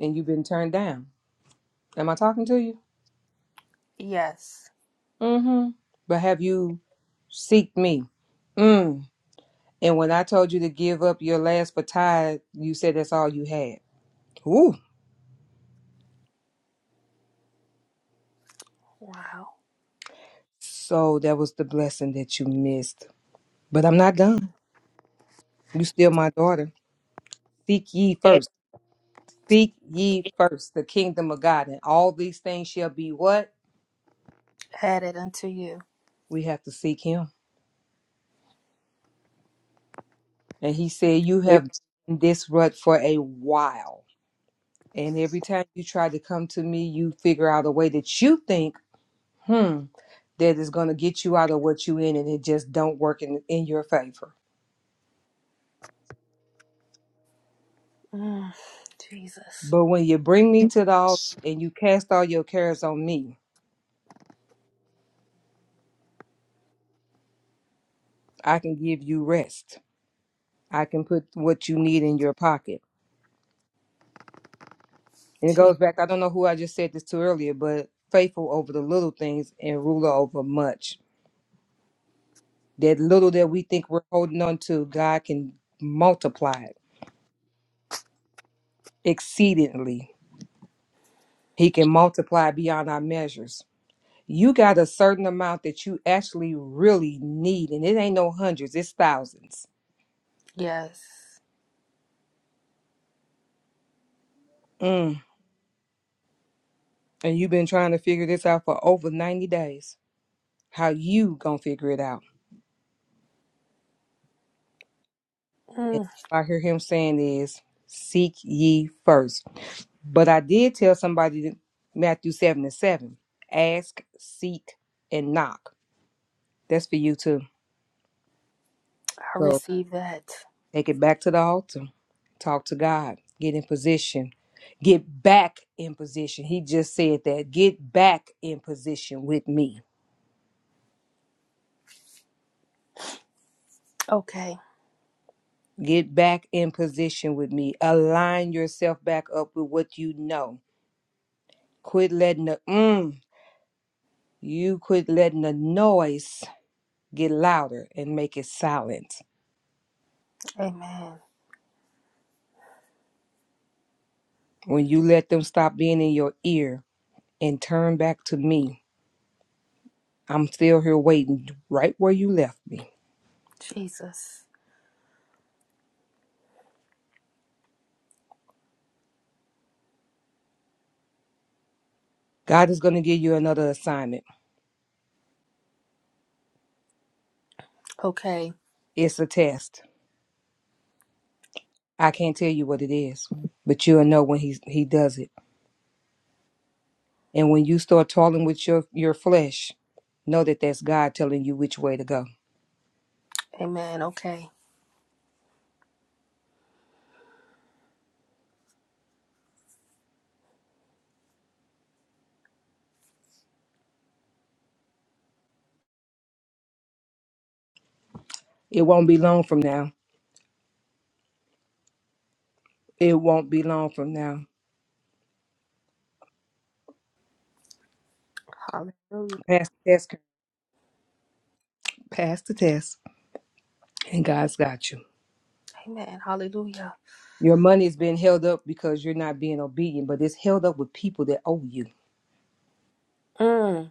and you've been turned down. Am I talking to you?
Yes.
Mm-hmm. But have you seeked me? Mm. And when I told you to give up your last for tithe, you said that's all you had. Ooh.
Wow.
So that was the blessing that you missed. But I'm not done. You still my daughter. Seek ye first. Seek ye first the kingdom of God, and all these things shall be what?
Add it unto you.
We have to seek him. And he said, You have been in this rut for a while. And every time you try to come to me, you figure out a way that you think, hmm, that is going to get you out of what you in, and it just don't work in, in your favor.
Mm, Jesus.
But when you bring me to the altar and you cast all your cares on me, I can give you rest. I can put what you need in your pocket. And it
Je-
goes back, I don't know who I just said this to earlier, but faithful over the little things and ruler over much. That little that we think we're holding on to, God can multiply it exceedingly. He can multiply beyond our measures. You got a certain amount that you actually really need, and it ain't no hundreds, it's thousands.
Yes.
Mm. And you've been trying to figure this out for over 90 days. How you gonna figure it out? And
Mm,
I hear him saying is, seek ye first. But I did tell somebody that Matthew 7 and 7 ask, seek, and knock. That's for you too.
I
So
receive that.
take it back to the altar. Talk to God. Get in position. Get back in position. He just said that. Get back in position with me.
Okay.
Get back in position with me. Align yourself back up with what you know. Quit letting the mm, you quit letting the noise get louder and make it silent.
Amen.
When you let them stop being in your ear and turn back to me, I'm still here waiting right where you left me.
Jesus.
God is going to give you another assignment.
Okay.
It's a test. I can't tell you what it is, but you'll know when he, he does it. And when you start toiling with your, your flesh, know that that's God telling you which way to go.
Amen. Okay.
It won't be long from now. It won't be long from now.
Hallelujah.
Pass the test, pass the test, and God's got you.
Amen. Hallelujah.
Your money is being held up because you're not being obedient, but it's held up with people that owe you.
Mm.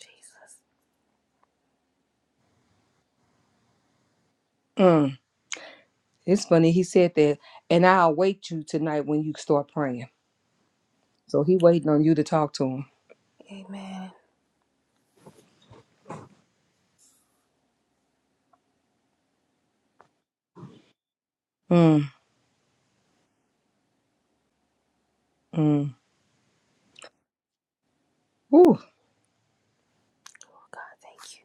Jesus.
Mm. It's funny. He said that, and I'll wait you tonight when you start praying. So he waiting on you to talk to him.
Amen.
Mm. Mm. Whew.
Oh, God, thank you.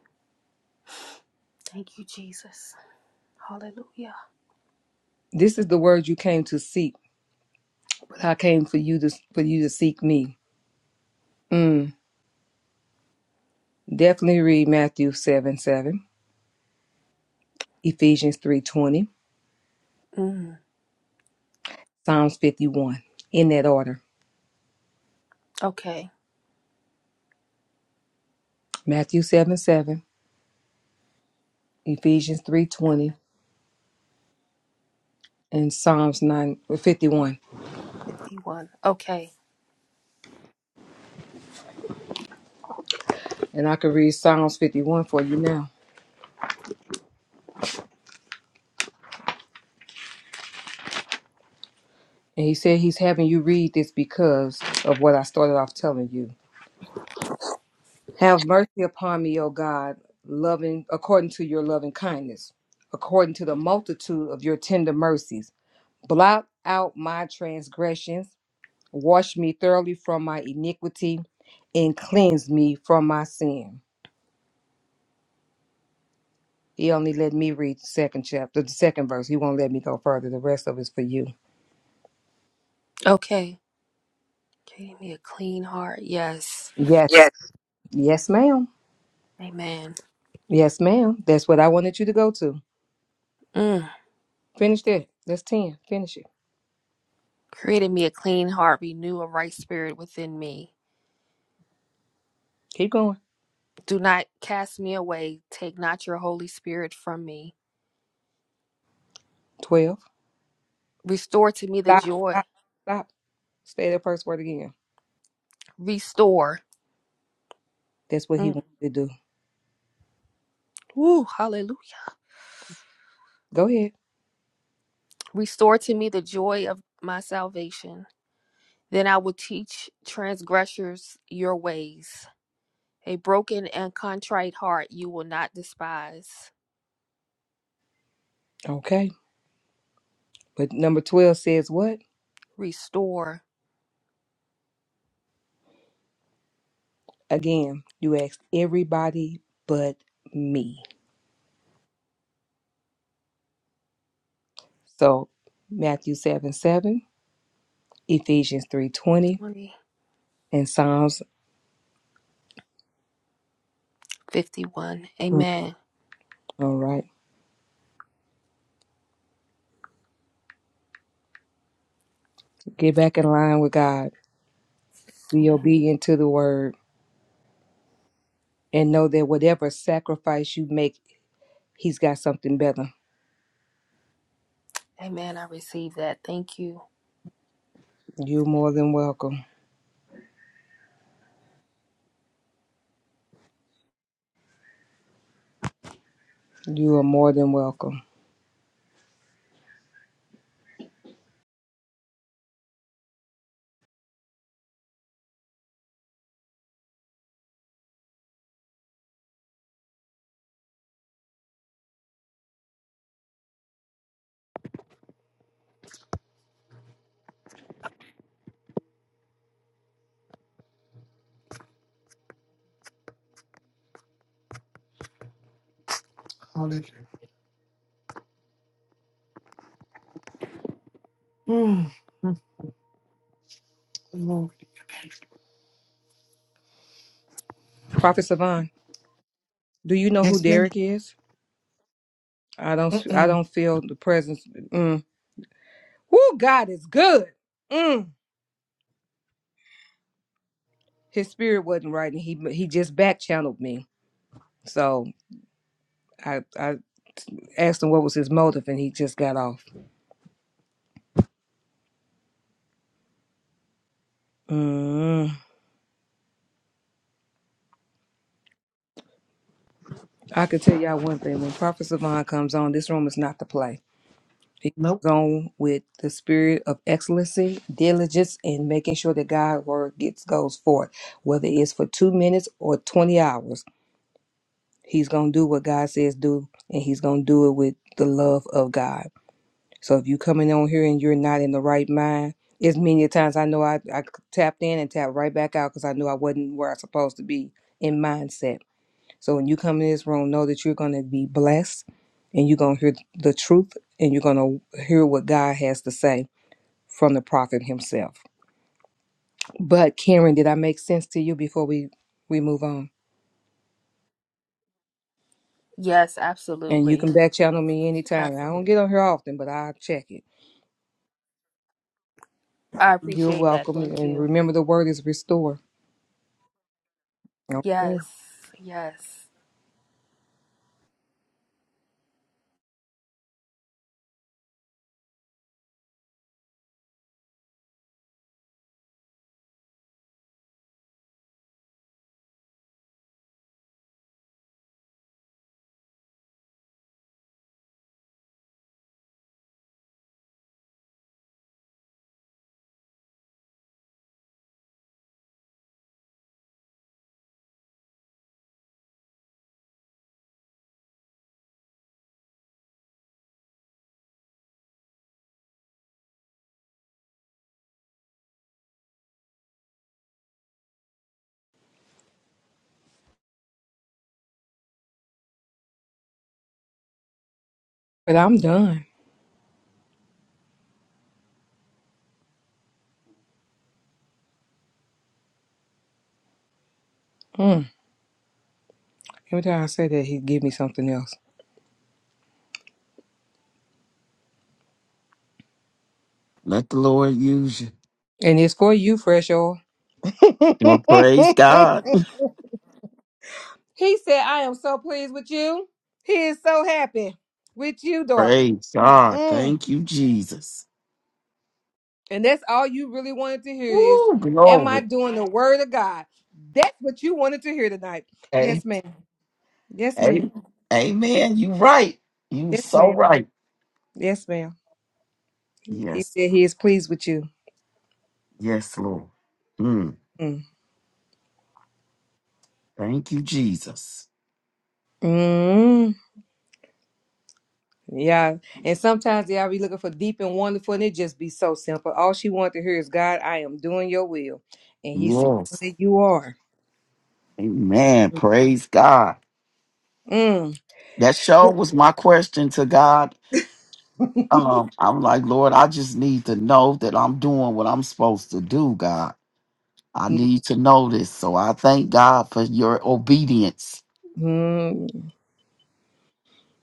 Thank you, Jesus. Hallelujah.
This is the word you came to seek, but I came for you to for you to seek me. Mm. Definitely read Matthew seven seven, Ephesians three twenty,
Mm.
Psalms fifty one in that order.
Okay.
Matthew seven seven, Ephesians three twenty, and Psalms nine fifty one.
51. Okay.
And I could read Psalms 51 for you now. And he said he's having you read this because of what I started off telling you. Have mercy upon me, O God, loving according to your loving kindness, according to the multitude of your tender mercies. Blot out my transgressions, wash me thoroughly from my iniquity, and cleanse me from my sin. He only let me read the second chapter, the second verse. He won't let me go further. The rest of it's for you.
Okay. Created me a clean heart. Yes.
Yes.
Yes.
Yes, ma'am.
Amen.
Yes, ma'am. That's what I wanted you to go to.
Mm.
Finish that. That's 10. Finish it.
Created me a clean heart. Renew a right spirit within me.
Keep going.
Do not cast me away. Take not your Holy Spirit from me.
12.
Restore to me the
Stop.
joy.
Stop. Stop. Stay that first word again.
Restore.
That's what he
Mm.
wanted to do.
Woo. Hallelujah.
Go ahead.
Restore to me the joy of my salvation. Then I will teach transgressors your ways. A broken and contrite heart you will not despise.
Okay. But number 12 says what?
Restore
Again, you asked everybody but me. So Matthew 7 7, Ephesians three twenty, and Psalms.
2051.
Mm,
Amen.
All right. Get back in line with God. Be obedient to the word and know that whatever sacrifice you make, He's got something better
Amen. I receive that. Thank you.
You are more than welcome. You are more than welcome.
Hallelujah. Mm, mm, Lord.
Prophet Savon, do you know who
Yes, ma'am.
Derek is? I don't I
Mm-mm.
don't feel the presence. Mm. Woo, God is good. Mm. His spirit wasn't right and he he just back channeled me. So I, I asked him what was his motive and he just got off. Mm. I can tell y'all one thing. When Prophet Savon comes on, this room is not to play. Be
Nope.
gone with the spirit of excellency, diligence, and making sure that God's word gets goes forth, whether it's for two minutes or twenty hours. He's gonna do what God says do, and He's gonna do it with the love of God. So if you coming on here and you're not in the right mind, as many times I know I, I tapped in and tapped right back out because I knew I wasn't where I supposed to be in mindset. So when you come in this room, know that you're gonna be blessed, and you're gonna hear the truth, and you're gonna hear what God has to say from the prophet himself. But Karen, did I make sense to you before we we move on?
Yes,
And you
absolutely.
can back channel me anytime. I don't
Absolutely.
get on here often, but I'll check it.
I
You're
appreciate that.
welcome.
Thank
And
you.
remember, the word is restore. Okay.
Yes. Yes.
But I'm done. Hmm. Every time I say that, he give me something else.
Let the Lord use you.
And it's for you, fresh oil. he
Well, praise God.
said, I am so pleased with you. He is so happy with you, daughter.
Praise God.
Mm.
Thank you, Jesus.
And that's all you really wanted to hear is,
Woo,
Am I
glory.
doing the word of God? That's what you wanted to hear tonight. Yes,
A-
ma'am. Yes, ma'am.
a- Amen. You right. You
Yes,
so
ma'am.
right.
Yes, ma'am. He
Yes.
said he is pleased with you.
Yes, Lord. Mm.
Mm.
Thank you, Jesus.
Mm. Yeah. And sometimes they all be looking for deep and wonderful, and it just be so simple. All she wanted to hear is, God, I am doing your will. And he said,
Yes.
that You are.
Amen. Praise God.
Mm.
That show was my question to God. Um, I'm like, Lord, I just need to know that I'm doing what I'm supposed to do, God. I need to know this. So I thank God for your obedience.
Mhm.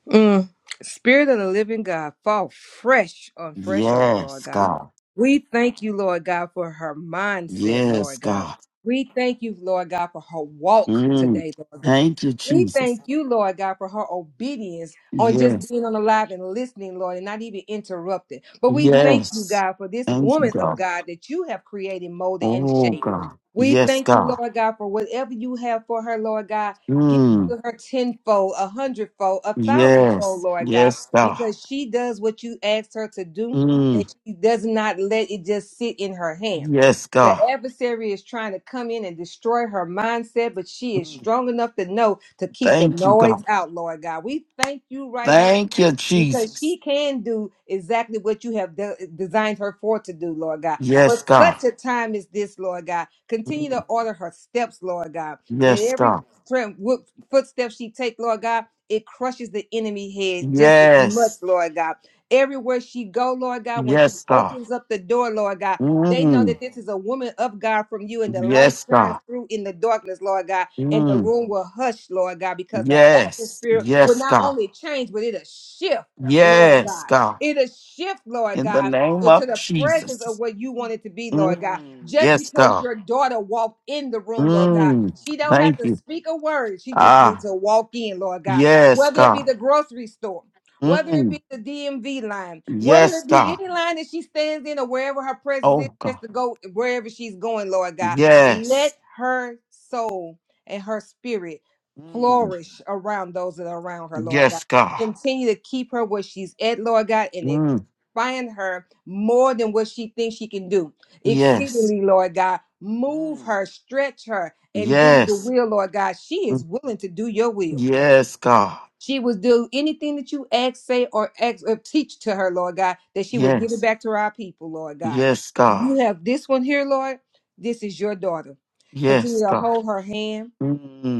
Mm. Spirit of the living God, fall fresh on fresh oil, Lord
Yes,
God.
God.
We thank you, Lord God, for her mindset,
Yes,
Lord God.
God.
We thank you, Lord God, for her walk
Mm.
today, Lord God.
Thank you,
We
Jesus.
thank you, Lord God, for her obedience on just
Yes.
being on the live and listening, Lord, and not even interrupted. But we thank you,
Yes.
God, for this
Thank you,
woman of
God.
God that you have created, molded, and
Oh,
shaped.
God.
We
Yes,
thank you,
God.
Lord God, for whatever you have for her, Lord God. Give
Mm.
to her tenfold, a hundredfold, a thousandfold,
Yes.
Lord God,
Yes, God.
because she does what you asked her to do and
Mm.
she does not let it just sit in her hand.
Yes,
The
God.
adversary is trying to come in and destroy her mindset, but she is
Mm.
strong enough to know to keep the
Thank you,
noise
God.
out, Lord God. We thank you right now
Thank you,
because
Jesus.
she can do exactly what you have de- designed her for to do, Lord God.
Yes,
For
God.
such a time as this, Lord God, continue to
Mm.
order her steps, Lord God. That
Yes,
every
God.
tre- wo- footstep she take, Lord God, it crushes the enemy head just as much,
Yes.
Lord God. Everywhere she go, Lord God, when she
Yes, God.
opens up the door, Lord God, they know
Mm.
that this is a woman of God from you, and the light
Yes,
shines
God.
through in the darkness, Lord God and the
Mm.
room will hush, Lord God, because the
Yes.
atmosphere will
Yes,
not
God.
only change, but it'll shift. Lord
Yes,
God.
God.
It'll shift, Lord
In the
God,
name
into
of
the presence of
Jesus.
what you want it to be, Lord God.
Mm.
Just
Yes,
because
God.
your daughter walked in the room, Lord God,
Mm,
she don't have
thank
to
you.
speak a word. She just needs
Ah,
to walk in, Lord God.
yes,
Whether it be
God.
the grocery store, whether it
Mm,
be the DMV line, whether
yes,
it be
God.
any line that she stands in or wherever her presence is,
Oh, God.
just to go wherever she's going, Lord God.
Yes.
Let her soul and her spirit
Mm,
flourish around those that are around her, Lord God
yes, God.
continue to keep her where she's at, Lord God, and
Mm,
expand her more than what she thinks she can do.
yes.
Exceedingly, Lord God, move
Mm,
her, stretch her, and do the
yes.
will, Lord God. She is
Mm,
willing to do your will.
yes, God.
She will do anything that you ask, say, or ask or teach to her, Lord God, that she will give it
Yes.
back to our people, Lord God.
Yes, God.
You have this one here, Lord. This is your daughter. Continue
Yes,
to
God.
hold her hand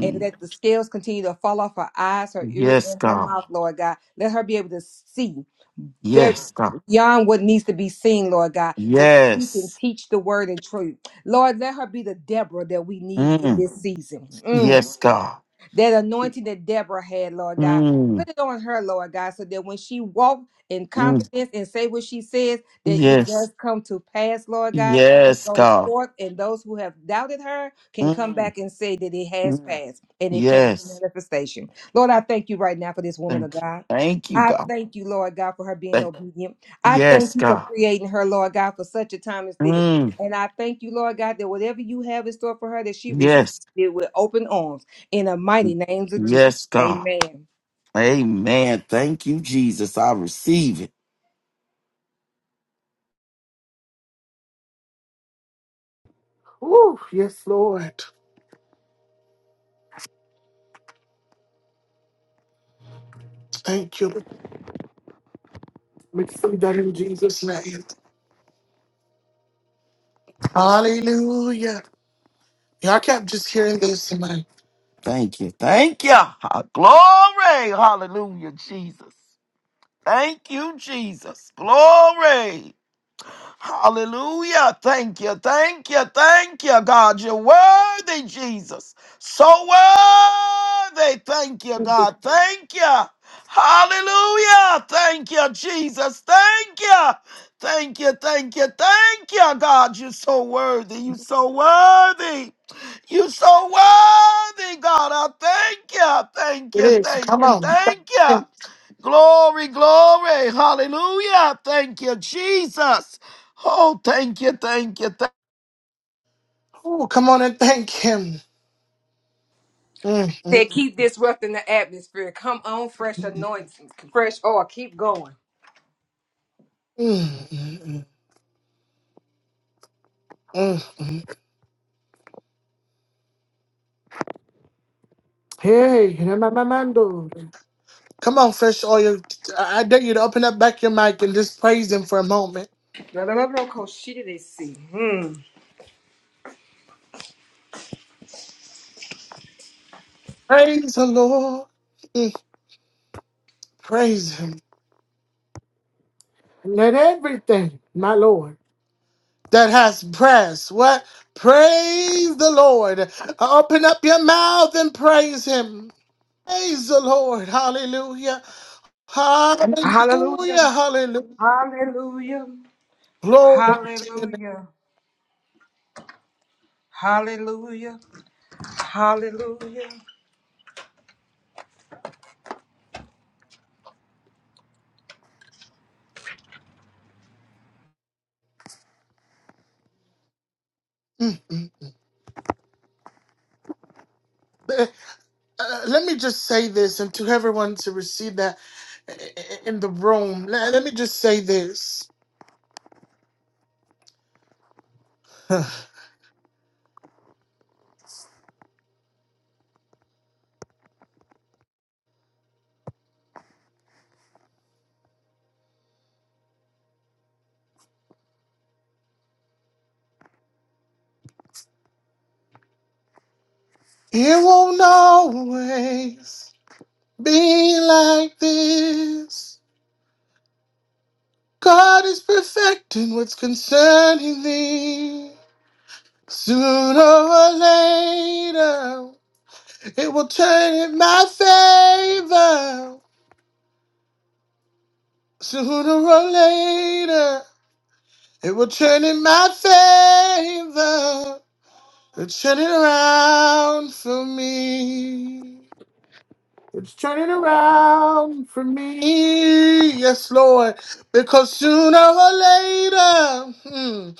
and let the scales continue to fall off her eyes, her ears,
yes,
and her
God.
mouth, Lord God. Let her be able to see very
Yes, God.
beyond what needs to be seen, Lord God, so that she can
Yes.
teach the word and truth. Lord, let her be the Deborah that we need in
Mm,
this season. Mm
yes, God.
that anointing that Deborah had, Lord God.
Mm,
Put it on her, Lord God, so that when she walk in
mm,
confidence and say what she says, that it
yes.
does come to pass, Lord God, and
Yes,
goes
God.
forth, and those who have doubted her can come
Mm.
back and say that it has
Mm.
passed and it came to
Yes.
manifestation. Lord, I thank you right now for this woman of
Thank
God.
thank you,
I
God.
thank you, Lord God, for her being
Thank-
obedient. I thank
Yes,
you for
God.
creating her, Lord God, for such a time as this.
Mm.
And I thank you, Lord God, that whatever you have in store for her, that she receives
Yes.
it with open arms in the mighty names of Jesus.
Yes, God.
Amen.
Amen. Thank you, Jesus. I receive it.
Ooh, yes, Lord. Thank you. We see that in Jesus' name. Hallelujah. Y'all kept just hearing this in
Thank you. Thank you. Ha- Glory. Hallelujah, Jesus. Thank you, Jesus. Glory. Hallelujah. Thank you. Thank you. Thank you, God. You're worthy, Jesus. So worthy. Thank you, God. Thank you. Hallelujah. Thank you, Jesus. Thank you. Thank you. Thank you. Thank you, God. You're so worthy. You're so worthy. You're so worthy, God. I thank you. Thank
it
you.
is.
Thank
Come
you.
on. Thank
Thank you.
him.
Glory, glory. Hallelujah. Thank you, Jesus. Oh, thank you, thank you,
Oh, come on and thank him. Mm, mm, mm,
Said, keep disrupting the atmosphere. Come on, fresh anointing, fresh oil. Keep going.
mm, mm, mm, mm. Hey, Ramamamando. Come on, fresh oil. I I dare you to open up back your mic and just praise him for a moment.
La-la-la-la-la-ko-shi-di-di-si. Hmm.
Praise the Lord. Mm, praise him. Let everything, my Lord. that has breath. What? Praise the Lord. Open up your mouth and praise Him. Praise the Lord. Hallelujah.
Hallelujah.
Hallelujah. Hallelujah.
Hallelujah.
Glory to your
Hallelujah. Hallelujah. Hallelujah.
name. Mm, mm. Uh, let me just say this, and to everyone to receive that i- i- in the room, let, let me just say this. It won't always be like this. God is perfecting what's concerning thee. Sooner or later, it will turn in my favor. Sooner or later, it will turn in my favor. It'll turn it around for me. It's turning around for me, yes, Lord, because sooner or later, hmm,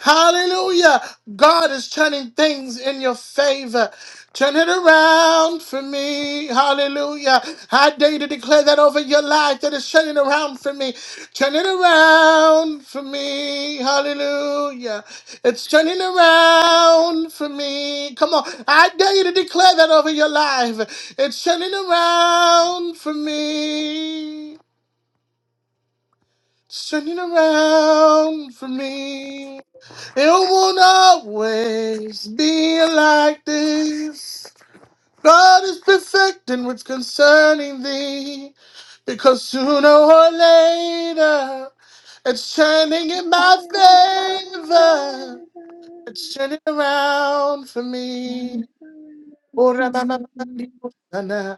hallelujah, God is turning things in your favor. Turn it around for me, hallelujah. I dare you to declare that over your life that it's turning around for me. Turn it around for me, hallelujah. It's turning around for me. Come on. I dare you to declare that over your life. It's turning around for me. It's turning around for me. It won't always be like this. God is perfecting what's concerning thee. Because sooner or later, it's turning
Turn
in my
in my
favor.
favor.
Turn it around for
Turn
me.
it around for
Oh, ra- na- na- na-
me.
na- na.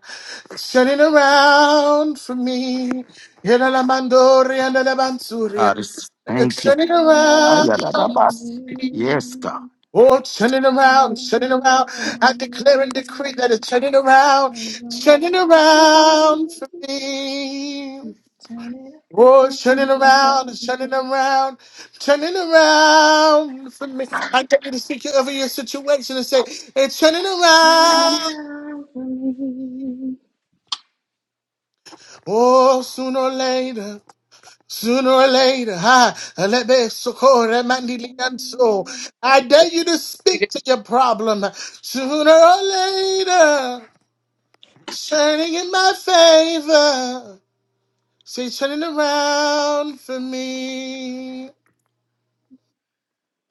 Turn it around for me. Yeah, la- la- mandori and la- la- bansuri.
thank you. Thank you.
Turn it around
Around
for
for
Ayadadabas.
me.
Yes, God.
me.
Oh, turn it
Around
around, turn it around. I declare and decree that it's turning around, turning
for me.
around
Around
for
for me.
me.
Just Turn it around
Oh,
for
turning around,
me.
turning around, turning around for me. I get you to speak over your situation and say, it's turning
Turn it
around.
around for me.
Oh, sooner or later, sooner or later, ha, alebe socorre mandili anso.
Mm,
I dare you to speak to your problem sooner or later, turning in my favor. Say, turning around for me.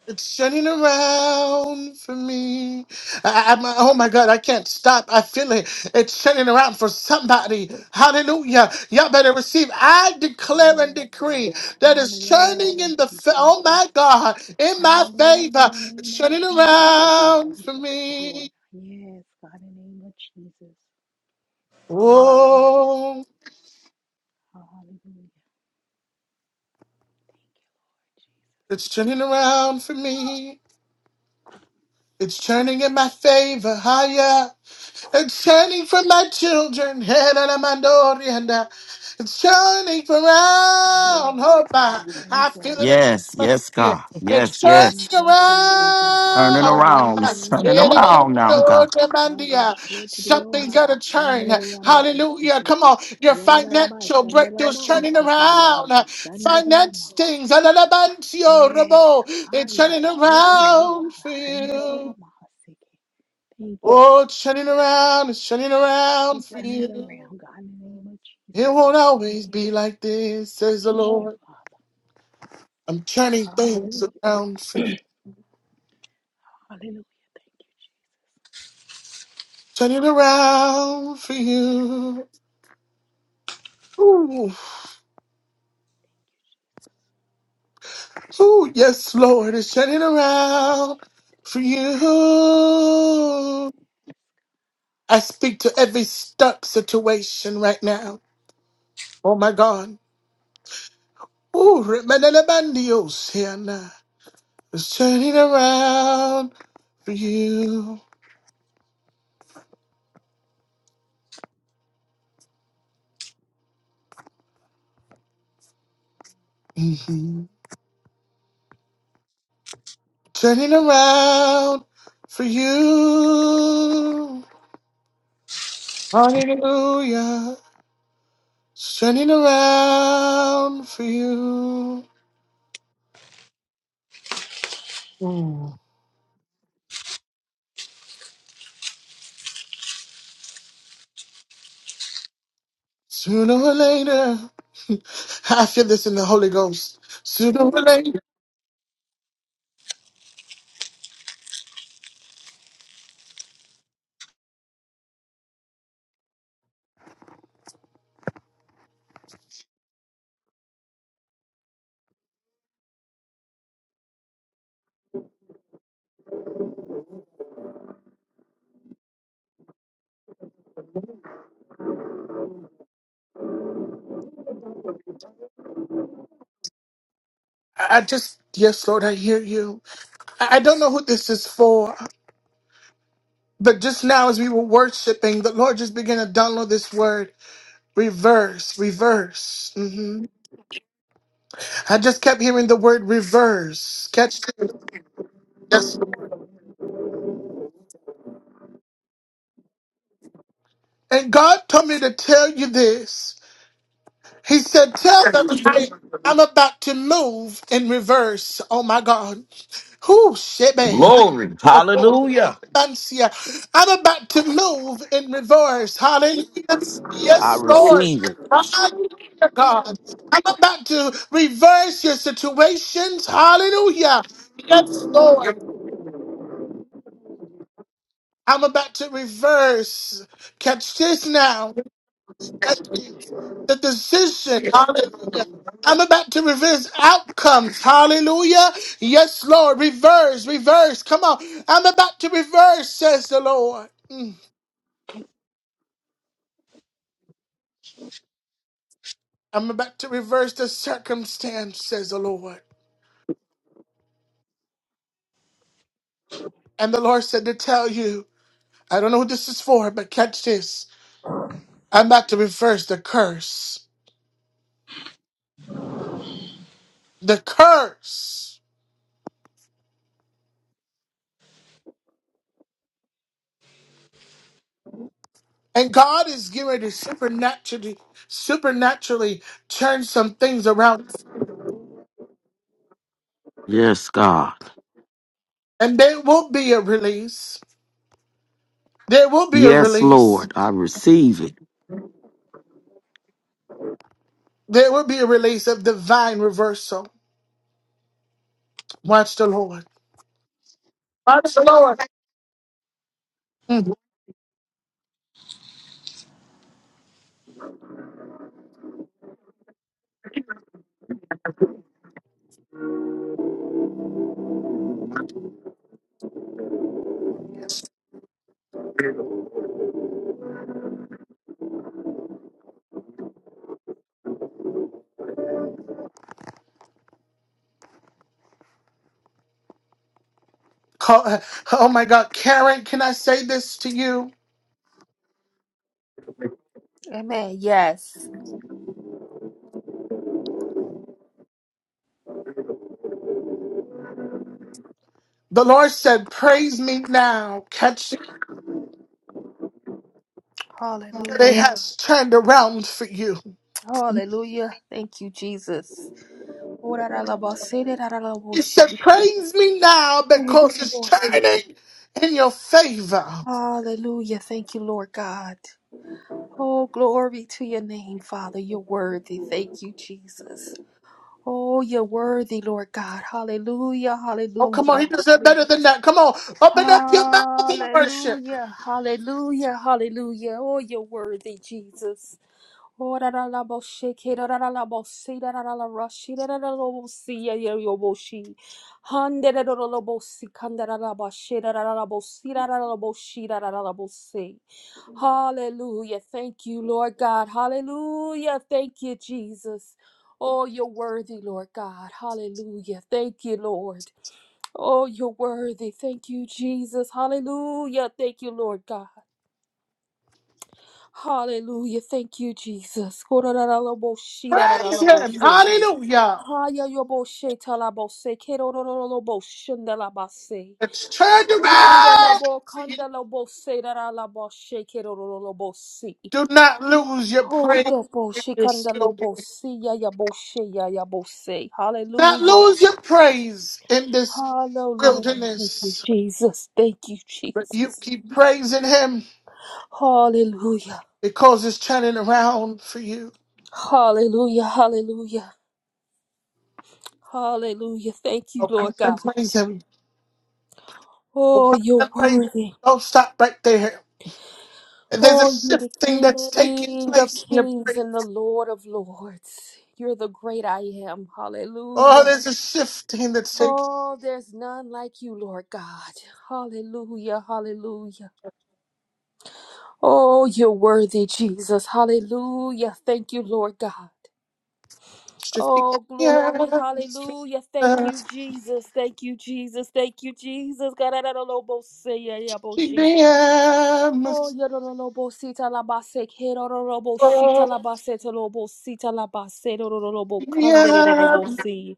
It's turning around for me. I, I, my, oh my God, I can't stop. I feel it. It's turning around for somebody. Hallelujah. Y'all better receive. I declare and
Yes,
decree
God.
that it's
Hallelujah.
turning
Thank
in the,
you,
fa- oh
Jesus.
my God, in my
Hallelujah. In
favor.
the name
It's
of
turning
Jesus, oh God.
around
We
for
thank you, Lord.
me.
Yes, God. In the name of Jesus. Hallelujah.
Oh,
Hallelujah.
it's turning around for me. It's turning in my favor. Higher. It's turning for my children. Head on a mandori and uh, It's turning
Thank you, Lord Jesus.
around.
Yes,
Hope I,
God. Thank
I
you,
feel it.
Lord.
in
Yes,
my
yes,
atmosphere.
God. Yes,
It's
yes.
Thank
turning
you, Jesus.
Turning
around.
Hallelujah. In
around.
the
It's
name of
turning
Head on
Jesus.
around
a
now, God.
mandori and, uh, Something's got to turn. Hallelujah.
Habashetiriomahashandariyamahosiki.
Come on. Your financial breakthrough's turning around. Finance things.
Yadadalabashandarabahosikirimahashandariyamahosiki.
Alabancio,
Yes,
Rabo. It's turning around for you.
Hayabashetiriomahashandariyamahosiki. Thank you,
Oh,
Lord
it's turning
Jesus.
around, it's turning
Thank you for
around for
turning it
you.
around, God, in the name of
It
Jesus,
won't
God. Thank
always
you.
be like this, says the
Thank you,
Lord.
Father.
I'm turning things
Hallelujah.
around for you.
Hallelujah. Thank you, Jesus.
Turning around for you. Ooh, ooh, yes, Lord, it's turning around for you. I speak to every stuck situation right now. Oh my God. Ooh, remedios here now. It's turning around for you. Mm-hmm. turning around for you. Hallelujah. It's turning around for you. Mm. Sooner or later, I feel this in the Holy Ghost. Sooner or later, I I just, yes, Lord, I hear you. I I don't know who this is for, but just now as we were worshiping, the Lord just began to download this word reverse, reverse. hmm I just kept hearing the word reverse. Catch it. And God told me to tell you this. He said, Tell them that I'm about to move in reverse. Oh my God. Who shit, man.
Glory.
I'm
Hallelujah.
about to move in reverse. Hallelujah.
I
Yes, Lord.
receive it.
Hallelujah, God. I'm about to reverse your situations. Hallelujah. Yes, Lord. I'm about to reverse. Catch this now. the decision. Hallelujah. I'm about to reverse outcomes. Hallelujah. Yes, Lord. Reverse, reverse. Come on. I'm about to reverse, says the Lord. Mm. I'm about to reverse the circumstance, says the Lord. And the Lord said to tell you, I don't know what this is for, but catch this. I'm about to reverse the curse. The curse. And God is getting ready to supernaturally, supernaturally turn some things around
Yes, God.
And there will be a release. There will be a
Yes,
release.
Lord. I receive it.
There will be a release of divine reversal. Watch the Lord. Mm. Call- Oh my God. Karen, can I say this to you?
Amen. Yes.
The Lord said, Praise me now. Catch it. It
Hallelujah.
has turned around for you.
Hallelujah. Thank you, Jesus.
He said, Praise me now
Thank you,
because it's
Lord Jesus.
turning in your favor.
Hallelujah. Thank you, Lord God. Oh, glory to your name, Father. You're worthy. Thank you, Jesus. Oh, you're worthy, Lord God. Hallelujah.
Oh, come on.
Hallelujah.
He does it better than that. Come on. Open up your mouth and worship.
Hallelujah. Hallelujah. Hallelujah. Hallelujah. Oh, you're worthy, Jesus. Ora ra la bo sheke ra ra la bo si ra ra la rashi ra ra la bo si ya ya yo bo shi hande ra ra la bo si kanda ra la ba she ra ra la bo si ra ra la bo shi ra ra la bo si. Hallelujah. Thank you, Lord God. Hallelujah. Thank you, Jesus. Oh, you're worthy, Lord God. Hallelujah. Thank you, Lord. Oh, you're worthy. Thank you, Jesus. Hallelujah. Thank you, Lord God. Hallelujah. Thank you, Jesus.
Praise Him.
Kororararabosirarararabose.
Hallelujah.
Hayayoboshetalabose. Kerorororoboshindelabase.
It's turned around.
Handelabokandaloboserararaboshe. Kerorororobosi.
Do not lose your praise in this wilderness. Do
Hodoboshikandelobosi. Yayaboshe. Yayabose.
Not
Hallelujah.
lose your praise in this
Hallelujah. Thank you,
wilderness.
Jesus. Thank you,
But you
Jesus.
keep praising him
Hallelujah.
because it's turning around for you.
Hallelujah. Hallelujah. Hallelujah. Thank you,
Oh, come
Lord God.
and praise him. Oh,
Oh,
come
you're
and praise him.
worthy.
Don't stop right there. There's a
Oh, you're the
shifting that's taking
King of
place in your
kings
praise.
and the Lord of lords. You're the great I am.
Oh,
Hallelujah.
there's a shifting that's taking
Oh, there's none like you, Lord God. Hallelujah. Hallelujah. Oh, you're worthy, Jesus. Hallelujah. Thank you, Lord God.
shifting.
Oh,
Yeah.
glory. Hallelujah. Thank you, Jesus. Thank you, Jesus. Thank you, Jesus. God, I don't know. both say, yeah, yeah, both she. Oh, yororobo sita la base, kerorobo shita la
It's
base, tolobo sita la base, rororobo kandere robo si.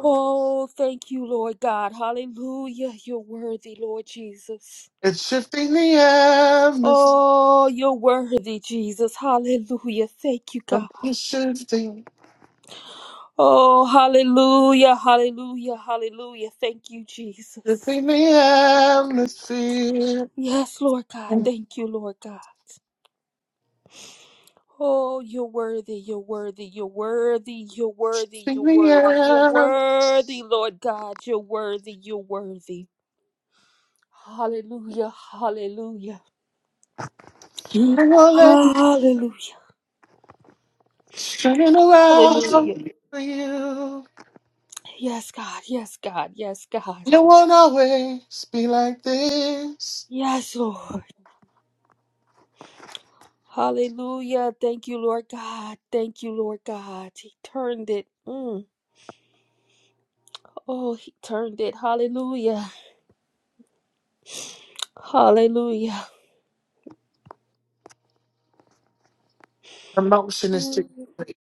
Oh, thank you, Lord God. Hallelujah. You're worthy, Lord Jesus.
shifting the atmosphere.
Oh, you're worthy, Jesus. Hallelujah. Thank you, God.
It's shifting,
Oh, hallelujah, hallelujah, hallelujah. Thank you, Jesus.
shifting the atmosphere.
Yes, Lord God.
It's
Thank you, Lord God. Oh, you're worthy, you're worthy, you're worthy, you're worthy,
Shifting
you're
the
worthy, you're
atmosphere.
worthy, Lord God, you're worthy, you're worthy. Hallelujah, hallelujah,
You won't let it
hallelujah,
turn it around
hallelujah.
for you.
Yes, God, yes, God, yes, God.
You won't always be like this.
Yes, Lord. Hallelujah. Thank you, Lord God. Thank you, Lord God. He turned it. Mm. Oh, he turned it. Hallelujah. Hallelujah.
Emotion is too
Mm.
great.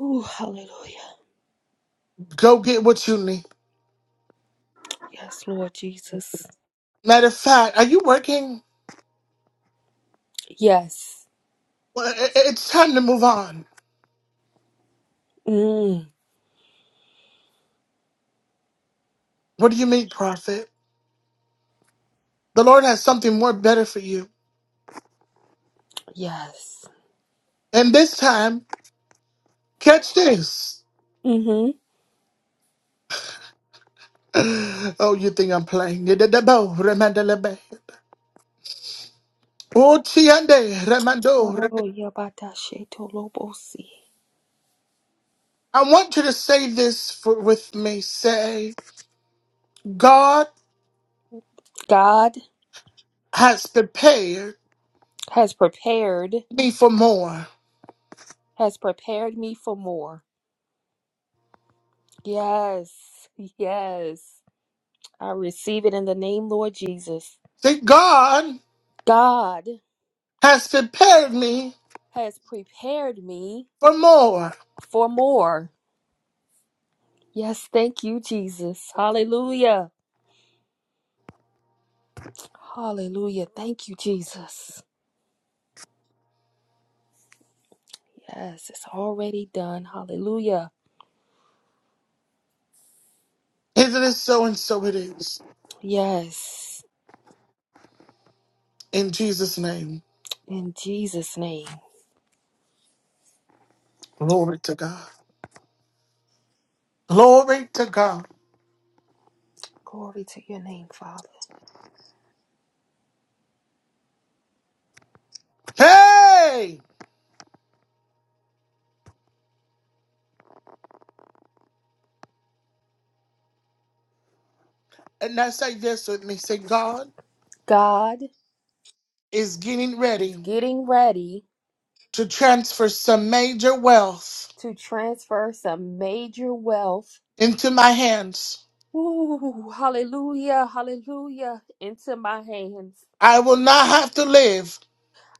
Ooh, hallelujah.
Go get what you need.
Yes, Lord Jesus.
Matter of fact, are you working?
Yes.
Well, i- i- It's time to move on.
Mm,
What do you mean, prophet? The Lord has something more better for you.
yes.
And this time, catch this.
Mm-hmm.
Oh, you think I'm playing? Oh, remandelebe. Utiande, remando,
Oh, yabatashitolobosi.
I want you to say this for, with me. Say, God
God
has prepared
has prepared,
me for more.
has prepared me for more. Yes. Yes. I receive it in the name Lord Jesus.
Say, God
God
has prepared me
has prepared me
for more.
for more. Yes, thank you, Jesus. Hallelujah. Hallelujah. Thank you, Jesus. Yes, it's already done. Hallelujah.
Is it so and so it is?
Yes.
In Jesus' name,
In Jesus' name.
glory to God. Glory to God.
Glory to your name, Father.
Hey! And I say this with me say, God
God
is getting
is
ready
getting ready
to transfer some major wealth
to transfer some major wealth.
into my hands.
Ooh, hallelujah, hallelujah, into my hands.
I will not have to live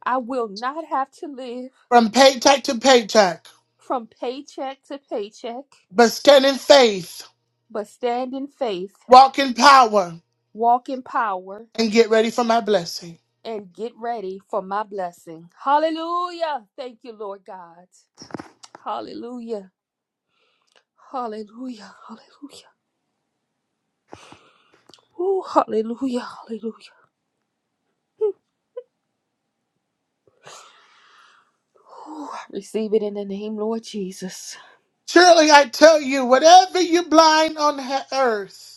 I will not have to live
from paycheck to paycheck,
from paycheck to paycheck,
but stand in faith,
but stand in faith,
walk in power,
walk in power,
and get ready for my blessing.
and get ready for my blessing. Hallelujah. Thank you, Lord God. Hallelujah. Hallelujah. Hallelujah. Ooh, hallelujah, hallelujah. Receive it in the name, Lord Jesus.
Surely I tell you, whatever you bind on he- earth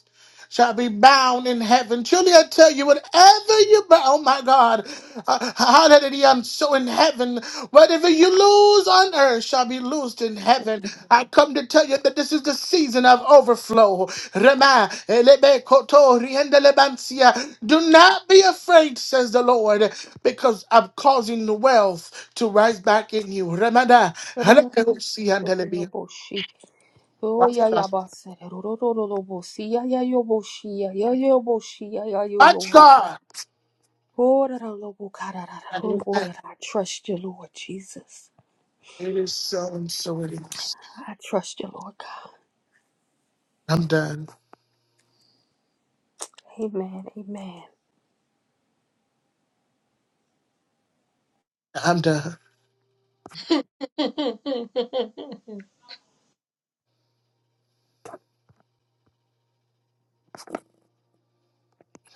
shall be bound in heaven. Truly, I tell you, whatever you bind, oh my God, uh, hallelujah, I'm so in heaven. Whatever you lose on earth shall be loosed in
Oh,
heaven. I come to tell you that this is the season of overflow. Rema, elebe, koto, riende, lebansia. Do not be afraid, says the Lord, because I'm causing the wealth to rise back in you. Remada, hallelujah, Watch
yeah, yeah, boss. Ro-ro-ro-ro-ro-bo-si, yeah, yeah, yo, bo-shi, yeah, yeah, yo, bo-shi, yeah, yeah, yo, yo, bo-shi.
God.
Oh, ra-ra-ro-bo-ka-ra-ra-ro-ro-ro-ro.
It
I trust you, Lord Jesus.
is so and so it is.
I trust you, Lord God.
I'm done.
Amen. Amen.
I'm done.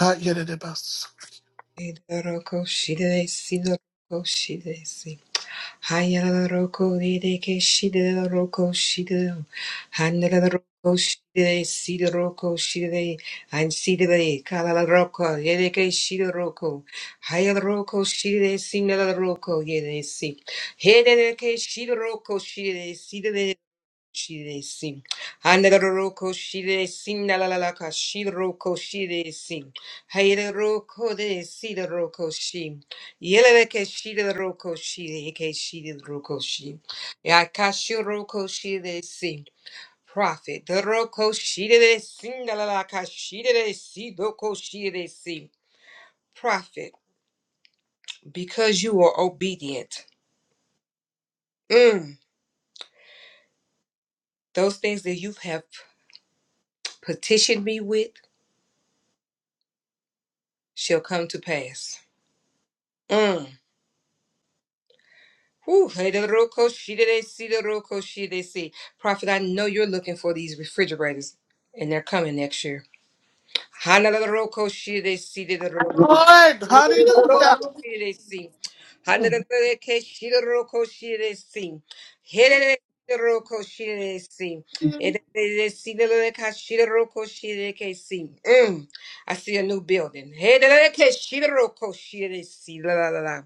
Not yet at the bus.
La-la-la-ko-shi-di-di-si. La-la-la-ko-shi-di-di-si. Hayala roko de de ke shide roko shide. Hanala roko shide sida roko shide. And sida de kalala roko de de ke shide roko. Hayala roko shide sinala roko de de si. Hede de ke shide roko shide sida Shire sing, Handaroko shiresi nalalaka shiroko shiresi. Hayroko de sidaroko shi. Yeleke shidaroko shireke shidaroko shi. Yakashiroko shire sing, Prophet, the roko shire sing, la la la shiresi nalalaka shiresi doko sing, Prophet, because you are obedient, mm, those things that you have petitioned me with shall come to pass. Mm. Whew, hey, the little coach, she did they see the little coach, she did they see. Prophet, I know you're looking for these refrigerators, and they're coming next year. Hana, the little coach, she did they see the little
Lord,
the
hallelujah.
she did they see. Hana, the
Mm,
little coach, she did the little coach, she did they see. Hey, the little the little coach, she did they see. Hey, the little see the little coach, she did the little coach, she did they see. Mm, I see a new building. Hey, the little coach, she did the little coach, she did they see. La la la la.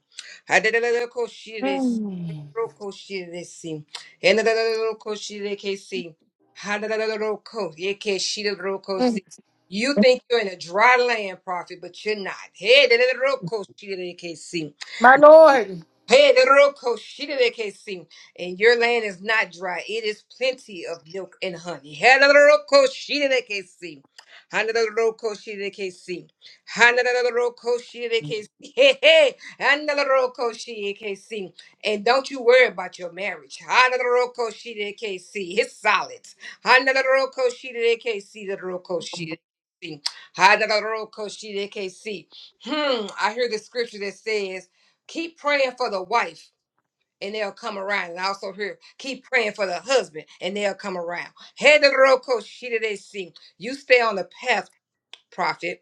Hana, the little coach, she did they see.
mm,
Roko shiresi. Enadaroko shirekesi. Hadadaroko yeke shiroko
mm.
si. You think you're in a dry land, prophet, but you're not. Hey, dadaroko shirekesi.
My Lord.
Hey, the Hederokoshiderekesi. And your land is not dry. It is plenty of milk and honey. Hey, the Roko Shidekesi. Hana the Hederokoshiderekesi. Hederokoshiderekesi. Hederokoshiderekesi. Hey, hey. Hederokoshiderekesi. And don't you worry about your marriage. Hana the Hederokoshiderekesi. It's solid. Hana the Roko Shidekesi. the Hederokoshiderekesi. Hederokoshiderekesi. Hederokoshiderekesi. Hmm. I hear the scripture that says keep praying for the wife and they'll come around. And I also hear keep praying for the husband and they'll come around. Head of the road, coach, she did they see. You stay on the path, prophet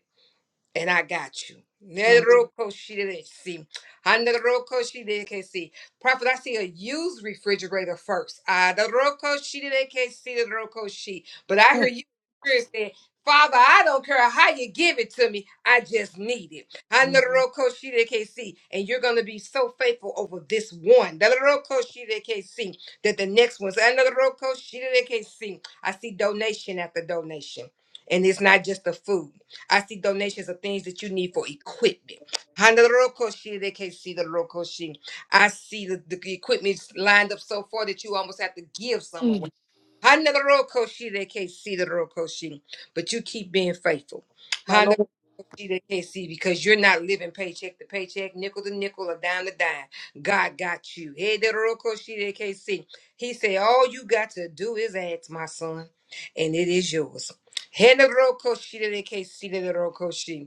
and I got you. Neroko shiresi. Haneroko shireki. Prophet, I see a used refrigerator first. Adaroko shireki, sideroko shi. But I hear you Spirit say, Father, I don't care how you give it to me. I just need it. Haneroko shireki. And you're going to be so faithful over this one. Dadaroko shireki. That the next one's Adaroko shireki. I see donation after donation. And it's not just the food. I see donations of things that you need for equipment. Handarokoshi, they can't see the rokoshi. I see the, the equipment lined up so far that you almost have to give some away.
Mm,
Handa the road koshi, they can't see the road koshi, but you keep being faithful.
My
Handa the
Lord.
road koshi, they can't see because you're not living paycheck to paycheck, nickel to nickel, or dime to dime. God got you. Hey, the road koshi, they can't see. He said, all you got to do is ask, my son, and it is yours. Handa the road koshi, they can't see the road koshi.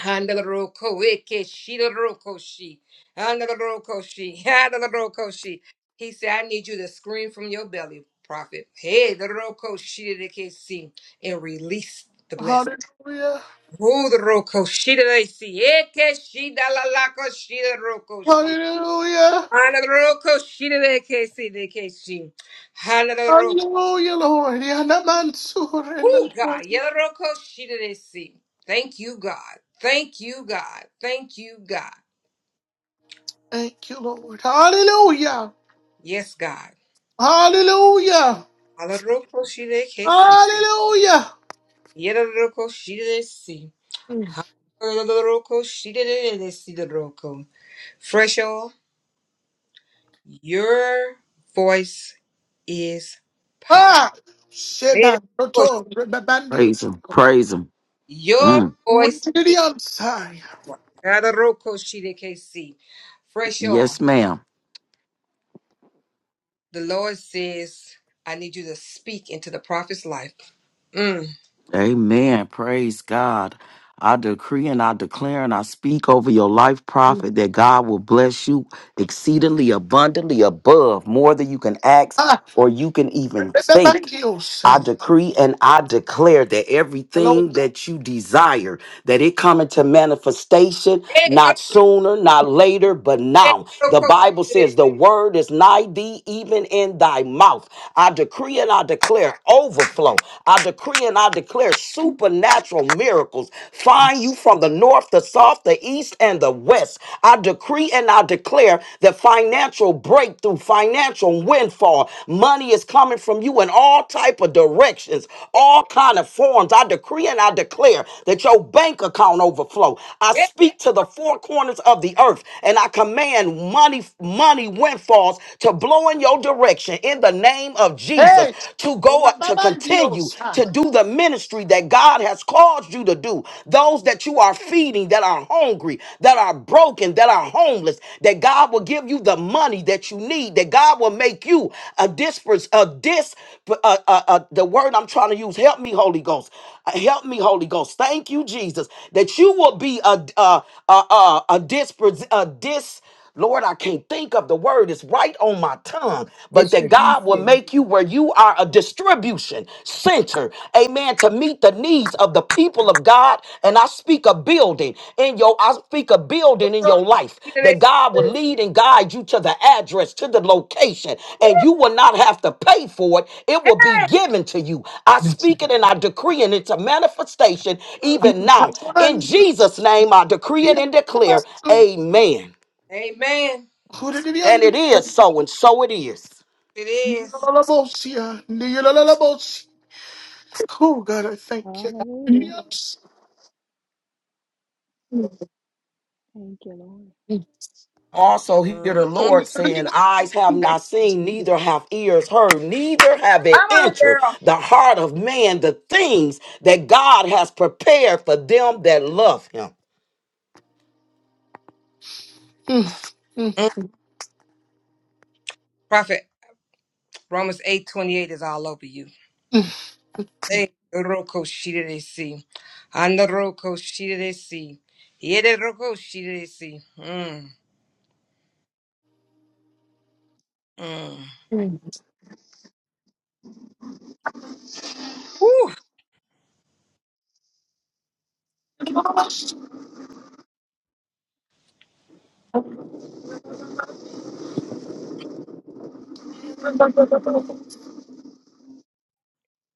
Handalaroko weke shidaroko shi. Handalaroko shi. Handalaroko shi. He said, I need you to scream from your belly, prophet. Hey, the roko shidareke si. And release the blessing.
Hallelujah.
Move the roko shidareke si. Eke shidalalako shidaroko shi.
Hallelujah.
Handalaroko shidareke si deke shi. Handalaroko.
Hallelujah, Lord. Yana Mansur and the
Oh,
Lord.
God. Yalaroko shidareke si. Thank you, God. Thank you, God. Thank you, God.
Thank you, Lord. Hallelujah.
Yes, God.
Hallelujah.
Halaroko shire kesi.
Hallelujah.
Yeraroko shire si. Halaroko shire de si de roko. Fresh oil, your voice is power.
Ah, Sheba,
Yeraroko
Roto, Rebabandi,
Praise Him. Praise Him.
Your
Mm.
voice.
Woodridionsai.
Halaroko shire kesi. Fresh oil,
Yes, ma'am.
the Lord says, I need you to speak into the prophet's life. Mm.
Amen. Praise God. I decree and I declare and I speak over your life, prophet, that God will bless you exceedingly abundantly above more than you can ask
Ah,
or you can even think. I
Rebabandiosan.
decree and I declare that
Hello.
everything that you desire that it coming to manifestation not sooner, not later, but now. The
Yeraroko
Bible
shire.
says the word is nigh thee, even in thy mouth. I decree and I declare overflow. I decree and I declare supernatural miracles find you from the north, the south, the east, and the west. I decree and I declare the financial breakthrough, financial windfall, money is coming from you in all type of directions, all kind of forms. I decree and I declare that your bank bank account overflow. I speak to the four corners of the earth and I command money, money windfalls to blow in your direction in the name of Jesus
Hey,
to go up to continue to
Rebabandiosan.
do the ministry that God has called you to do. Those that you are feeding, that are hungry, that are broken, that are homeless, that God will give you the money that you need, that God will make you a disperse, a dis, uh, uh, uh, the word I'm trying to use. Help me, Holy Ghost. Uh, Help me, Holy Ghost. Thank you, Jesus. Jesus, that you will be a a a a, a dispres- a dis. Lord, I can't think of the word. It's right on my tongue. But that God will
Distribution.
make you where you are a distribution center, amen, to meet the needs of the people of God. And I speak a building in your, I speak a building in your life that God will lead and guide you to the address, to the location, and you will not have to pay for it. It will be given to you. I speak it and I decree, and it's a manifestation even now in Jesus' name, I decree it and declare, Amen.
Amen.
And it is so, and so it is.
It is.
Oh God, I
Thank you. Thank you, Jesus.
thank you.
Hallelujah.
Yes.
Thank you, Lord.
Also, hear the Lord saying, Eyes have not seen, neither have ears heard, neither have it
Come on,
entered
girl.
the heart of man the things that God has prepared for them that love him.
Mm, Prophet, Romans eight twenty eight is all over you. Hey, Roko Shiresi. And the Roko Shiresi. Yede Roko Shiresi. Mm, mm. Whew.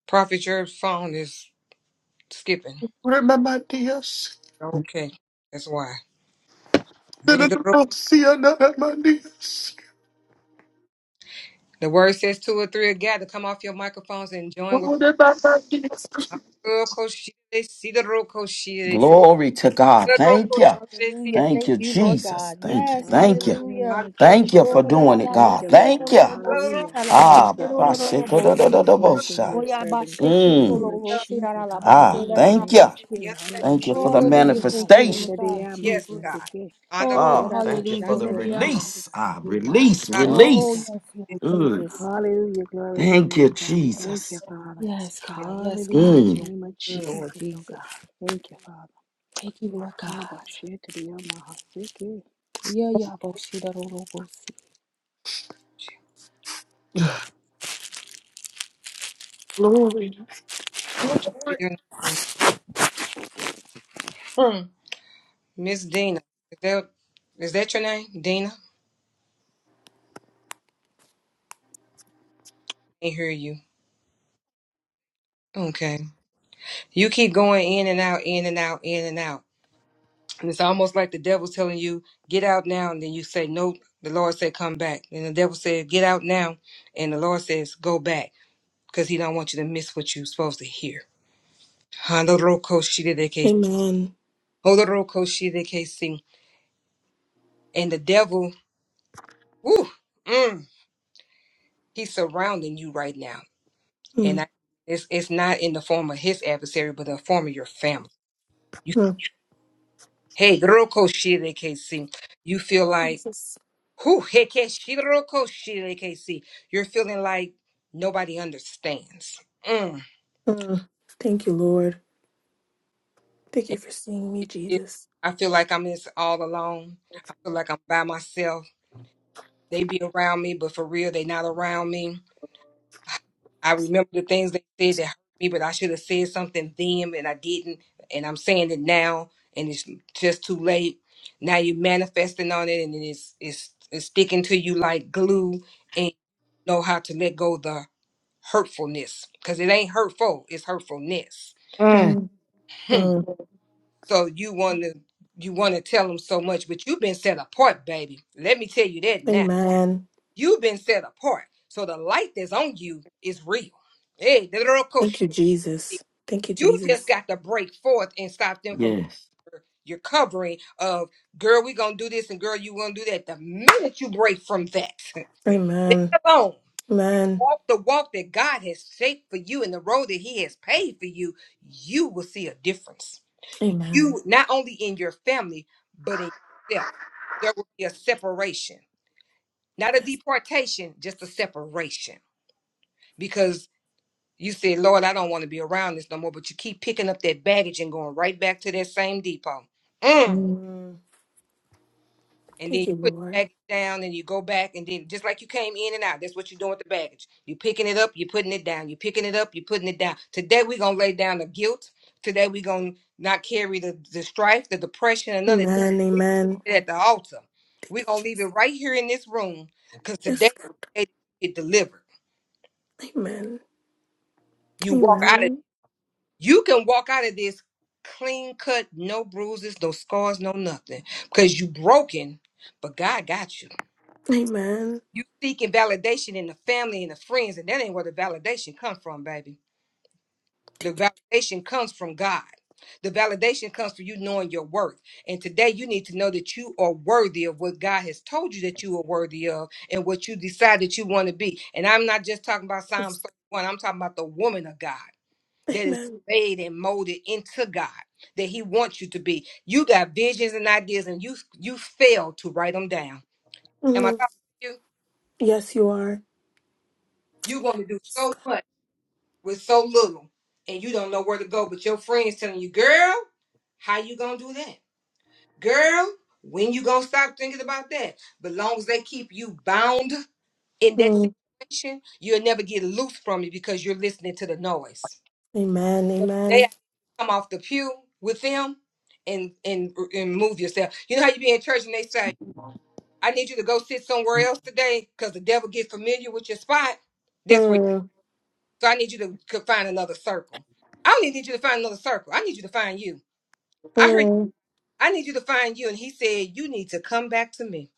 Prophet, your phone is skipping.
Remember, dears.
Okay, that's why. Yede ro-
Remember, dears.
The word says two or three are gathered. Come off your microphones and join with
What about my Jesus?
Roko Shiresi. The Roko Shiresi.
Glory to God.
The
Thank
Roko
you.
Shiresi.
Hallelujah.
Thank
Thank
you,
you,
Roko
Lord
Jesus.
God.
Shiresi.
Thank you.
Yes,
Thank you.
Hallelujah. In the name
hallelujah.
of
Thank
Ando-
you
Jesus,
Oh,
oh
for
God, we
doing it,
thank
God.
you,
da-da-da-ba-si,
Lord
Thank
God.
you.
Ando
ro-ro-ro-ro-bo-si,
Hallelujah.
Roko.
ta-la-ba,
Thank
Ah,
you,
Baba
Father, for
Sheko da da da
ro-ro-ro-ro-ro-bo-si.
blessing
da
your
Oya
servant,
bashe
God. In the
Mmm.
name
ketolo
of
ho sirara
Jesus,
la base
Ah,
hallelujah.
rara
In the
la
thank
name
you.
of
base.
Jesus,
Yeah.
Thank you for the
hallelujah.
Hallelujah, thank you,
manifestation.
Lord God,
Yes,
Jesus.
God. Honor
Oh,
Oh, thank you for
hallelujah,
the
Lord God.
release. Ah, release,
God.
Yes,
Oh,
God.
release.
yes, Lord
Mm,
Jesus.
Hallelujah. Glory to your
thank you,
name, God. We thank you,
Jesus.
Father.
Yes, God, yes,
Hallelujah.
God,
In the
you
Mm,
name of
Mm.
Lord
Jesus, oh God.
Jesus.
Thank you, Father.
Thank you, Lord
Haba
God.
shit to the Yamaha
Yeah, yeah, boshi da ro ro boshi.
Glory.
To your name. Hmm. Miss Dina. Is that is that your name? Dina? I hear you. Okay. You keep going in and out, in and out, in and out. And it's almost like the devil's telling you, get out now, and then you say, No, the Lord said come back. And the devil said, Get out now, and the Lord says, Go back. Because he don't want you to miss what you're supposed to hear. Handoroko shidekesi.
Amen.
Hodoroko shidekesi. And the devil, woo, mm, He's surrounding you right now. And
Mm,
I, it's it's not in the form of his adversary, but in the form of your family. You
mm,
hey, Roko KC. You feel like
Jesus.
who Roko KC. You're feeling like nobody understands. Mm.
Mm, thank you, Lord. Thank you
And
for seeing me,
it- it-
Jesus.
I feel like I'm just all alone. I feel like I'm by myself. They be around me, but for real, they not around me I remember the things they said that hurt me, but I should have said something then and I didn't. And I'm saying it now and it's just too late. Now you're manifesting on it and it's it's it's sticking to you like glue and know how to let go of the hurtfulness. Cause it ain't hurtful, it's hurtfulness.
Mm.
Mm,
Hmm.
mm,
So you wanna you wanna tell them so much, but you've been set apart, baby. Let me tell you that now.
amen.
You've been set apart. So the light that's on you is real. Hey, the little
Thank
coach.
you, Jesus. Thank you,
You just
Jesus.
got to break forth and stop them from
yes.
your, your covering of girl, we gonna do this and girl, you gonna do that. The minute you break from that, that
Amen.
alone,
Amen.
walk the walk that God has shaped for you and the road that He has paid for you, you will see a difference.
Amen.
You not only in your family, but in yourself. There will be a separation. Not a
Yes.
deportation, just a separation. because. You said, Lord, I don't want to be around this no more, but you keep picking up that baggage and going right back to that same depot. Mm.
Mm,
And then
thank you,
you put the
Lord.
baggage down and you go back and then just like you came in and out, that's what you're doing with the baggage. You're picking it up, you're putting it down, you're picking it up, you're putting it down. Today we're gonna lay down the guilt. Today we're gonna not carry the, the strife, the depression, and none of that.
Amen.
We're
Amen.
gonna at the altar.
Thank
We're
you,
gonna leave it
Jesus.
right here in this room because today
Yes, God.
is the day get delivered.
Amen.
You walk out of
Amen.
You can walk out of this clean cut, no bruises, no scars, no nothing, because you broken, but God got you.
Amen.
You seeking validation in the family and the friends, and that ain't where the validation come from, baby. The
Thank you,
validation comes from God. The validation comes from you knowing your worth. And today you need to know that you are worthy of what God has told you that you are worthy of and what you decide that you want to be. And I'm not just talking about Psalms
Jesus.
31, I'm talking about the woman of God that is
Amen.
made and molded into God that He wants you to be. You got visions and ideas, and you you fail to write them down. Am I
Mm,
talking to you?
yes, you are.
You want to do
Yes,
so
God.
much with so little, and you don't know where to go. But your friends telling you, "Girl, how you gonna do that? Girl, when you gonna stop thinking about that?" But long as they keep you bound in that
Mm,
situation, you'll never get loose from it because you're listening to the noise.
amen.
So today
Amen.
I come off the pew with them and and and move yourself. You know how you be in church and they say, "I need you to go sit somewhere else today because the devil get familiar with your spot." That's where.
Mm.
So I need you to co- find another circle. I don't even need you to find another circle. I need you to find you. I heard.
Mm,
I need you to find you, and he said, "You need to come back to me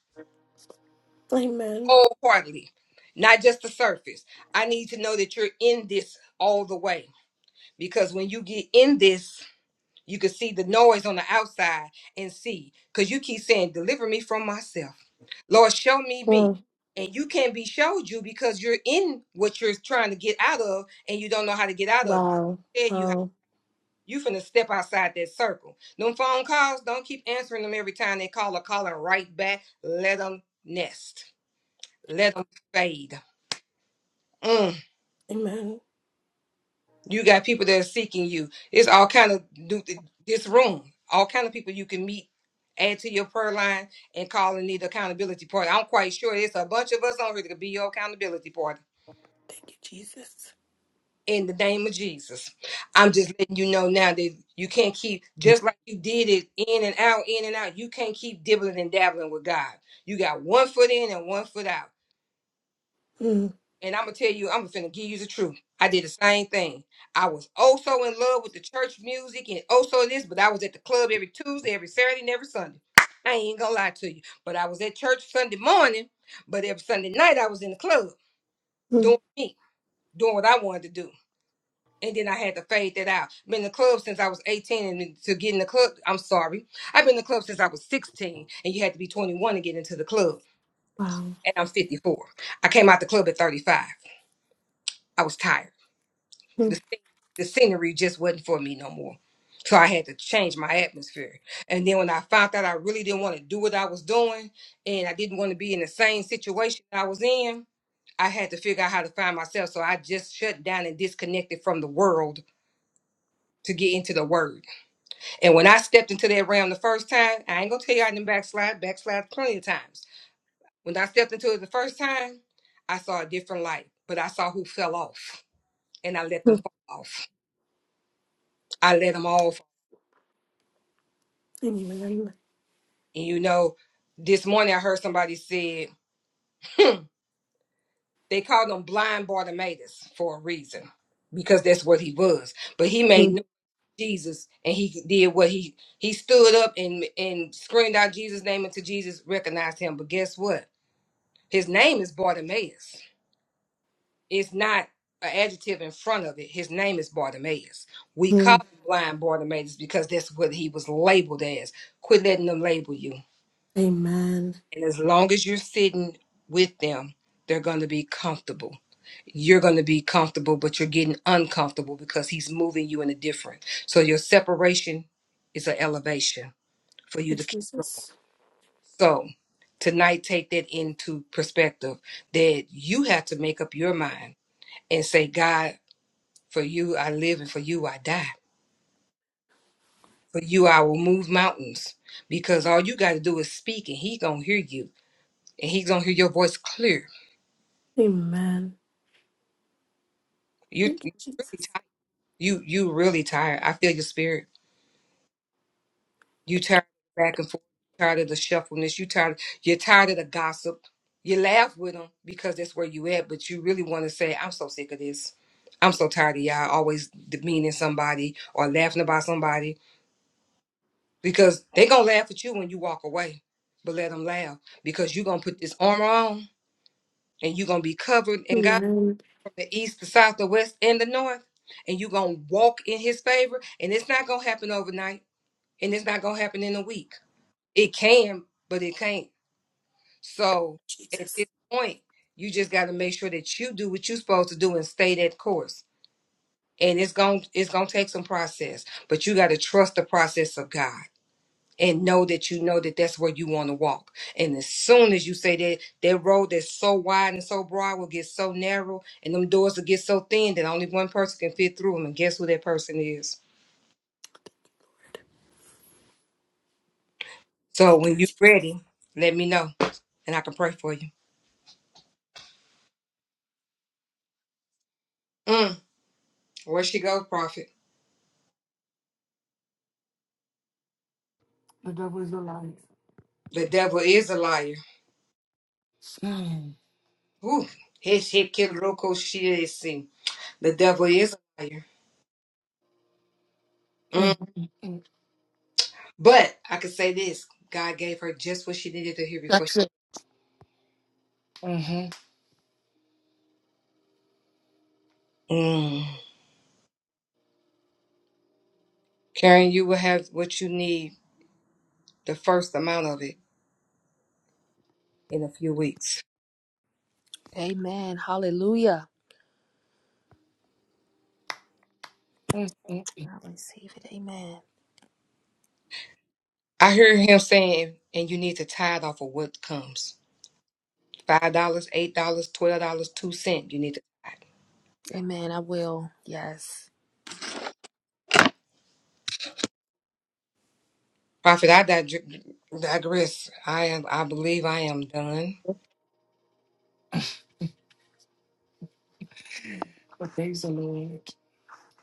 Amen.
wholeheartedly, not just the surface. I need to know that you're in this all the way." Because when you get in this You can see the noise on the outside and see, because you keep saying, Deliver me from myself. Lord, show me me.
mm.
And you can't be showed you because you're in what you're trying to get out of and you don't know how to get out of it.
Wow.
Tell you how
Wow.
you finna step outside that circle. Them phone calls, don't keep answering them every time they call or calling right back. Let them nest. Let them fade. Mm.
Amen.
You got people that are seeking you. It's all kind of do this room. All kind of people you can meet, add to your prayer line, and call and need accountability party. I'm quite sure it's a bunch of us on here that could be your accountability party.
Thank you, Jesus.
In the name of Jesus, I'm just letting you know now that you can't keep just like you did it in and out, in and out. You can't keep dibbling and dabbling with God. You got one foot in and one foot out.
Mm.
And I'm gonna tell you, I'm finna give you the truth. I did the same thing. I was also in love with the church music and also this, but I was at the club every Tuesday, every Saturday, and every Sunday. I ain't gonna lie to you. But I was at church Sunday morning, but every Sunday night I was in the club
Mm,
doing me, doing what I wanted to do. And then I had to fade that out. Been in the club since I was 18 and to get in the club, I'm sorry. I've been in the club since I was 16, and you had to be 21 to get into the club.
Wow.
And I'm 54. I came out the club at 35. I was tired. the
Mm,
sce- the scenery just wasn't for me no more. So I had to change my atmosphere. And then when I found out I really didn't want to do what I was doing and I didn't want to be in the same situation I was in, I had to figure out how to find myself. So I just shut down and disconnected from the world to get into the word. And when I stepped into that realm the first time, I ain't gonna tell you I didn't backslide, backslide plenty of times. When I stepped into it the first time, I saw a different light, but I saw who fell off and I let them
mm,
fall off. I let them all
Amen.
And you know, this morning I heard somebody said they called him blind Bartimaeus for a reason because that's what he was. But he made no
mm,
Jesus and he did what he he stood up and and screamed out Jesus' name until Jesus recognized him. But guess what? His name is Bartimaeus. It's not an adjective in front of it. His name is Bartimaeus. We call
mm.
him blind Bartimaeus because that's what he was labeled as. Quit letting them label you.
Amen.
And as long as you're sitting with them, they're going to be comfortable. You're going to be comfortable, but you're getting uncomfortable because he's moving you in a different. So your separation is an elevation for you to
Thank you,
keep going.
Jesus.
So tonight, take that into perspective that you have to make up your mind and say, God, for you I live and for you I die. For you I will move mountains because all you got to do is speak and he's going to hear you and he's going to hear your voice clear.
Amen.
You
Thank you, Jesus.
You you really tired. I feel your spirit. You tired of back and forth. You Tired of the shuffleness. You tired. You're tired of the gossip. You laugh with them because that's where you at. But you really want to say, "I'm so sick of this. I'm so tired of y'all always demeaning somebody or laughing about somebody because they gonna laugh at you when you walk away. But let them laugh because you gonna put this armor on and you gonna be covered in God
Amen.
from the east, the south, the west, and the north, and you gonna walk in His favor. And it's not gonna happen overnight. and it's not gonna happen in a week. It can, but it can't. So at
Jesus.
this point, you just got to make sure that you do what you're supposed to do and stay that course. And it's going to it's gonna take some process, but you got to trust the process of God and know that you know that that's where you want to walk. And as soon as you say that that road that's so wide and so broad will get so narrow, and them doors will get so thin that only one person can fit through them. And guess who that person is? So
Thank you,
when you're
Jesus.
ready, let me know, and I can pray for you. Mm. Where she go, prophet?
The devil is alive.
The devil is a liar.
Mm.
Ooh. He she kill roko she is seen. The devil is a liar. Mm.
Mm. Mm.
But I can say this. God gave her just what she needed to hear before she
That's it. Mm-hmm.
mm. Karen, you will have what you need, the first amount of it, in a few weeks.
Amen. Hallelujah. I receive it. Amen.
I hear him saying, and you need to tithe off of what comes. Five dollars, eight dollars, twelve dollars, two cents. You need to tithe.
Amen. I will. Yes.
Prophet, I dig- digress. I am I believe I am done.
But praise the Lord.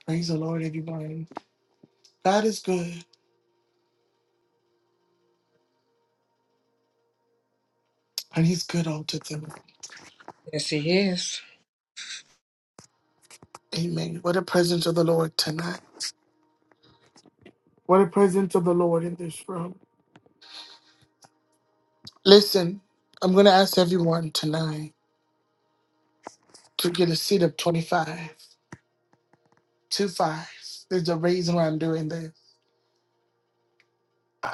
Praise the Lord, everybody. God is good, and He's good all to them.
Yes, he is.
Amen. What a presence of the Lord tonight. What a presence of the Lord in this room. Listen, I'm going to ask everyone tonight to get a seat of 25, 2 five. There's a reason why I'm doing this.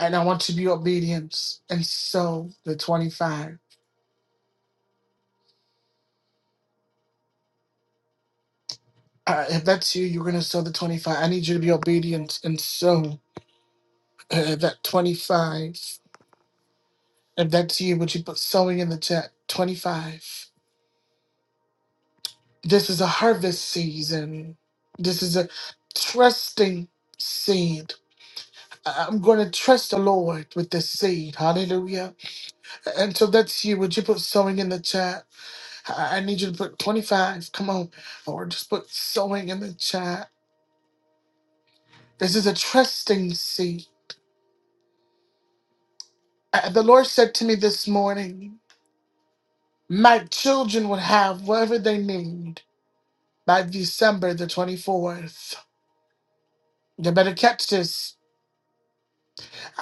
and I want to be obedient and sow the 25. Uh, if that's you, you're going to sow the 25. I need you to be obedient and sow uh, that 25. If that's you, would you put sowing in the chat? 25. This is a harvest season. This is a trusting seed. I- I'm going to trust the Lord with this seed. Hallelujah. And so that's you. Would you put sowing in the chat? I I need you to put 25. Come on. Or just put sowing in the chat. This is a trusting seat. Uh, The Lord said to me this morning, my children will have whatever they need by December the 24th. You better catch this.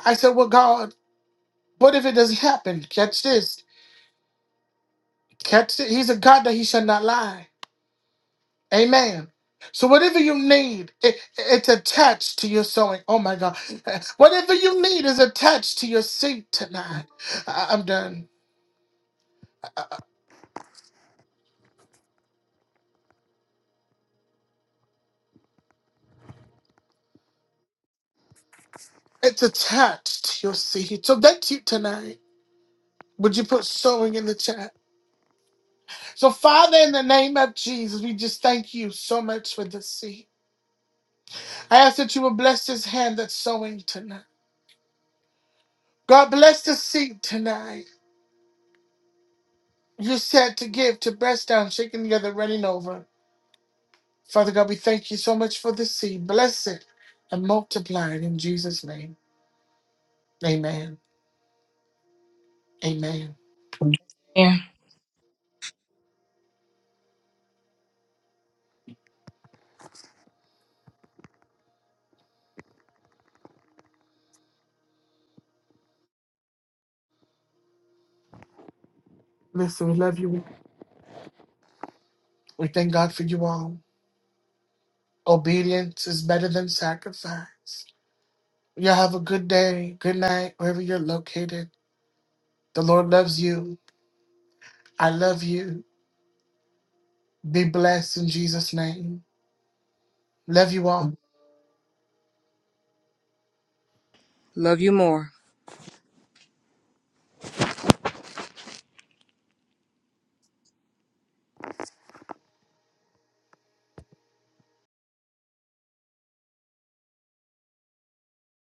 I said, Well, God, what if it doesn't happen? Catch this. Catch it. He's a God that he shall not lie. Amen. So whatever you need, it, it's attached to your sowing. Oh my God. Whatever you need is attached to your seat tonight. I- I'm done. It's attached to your seed. So that's you tonight. Would you put sowing in the chat? So, Father, in the name of Jesus, we just thank you so much for this seed. I ask that you will bless this hand that's sowing tonight. God bless the seed tonight. You said to give, to press down, shaking together, running over. Father God, we thank you so much for the seed. Bless it and multiply it in Jesus' name. Amen. Amen. Listen, we love you. We thank God for you all. Obedience is better than sacrifice. Y'all have a good day, good night, wherever you're located. The Lord loves you. I love you. Be blessed in Jesus' name. Love you all.
Love you more.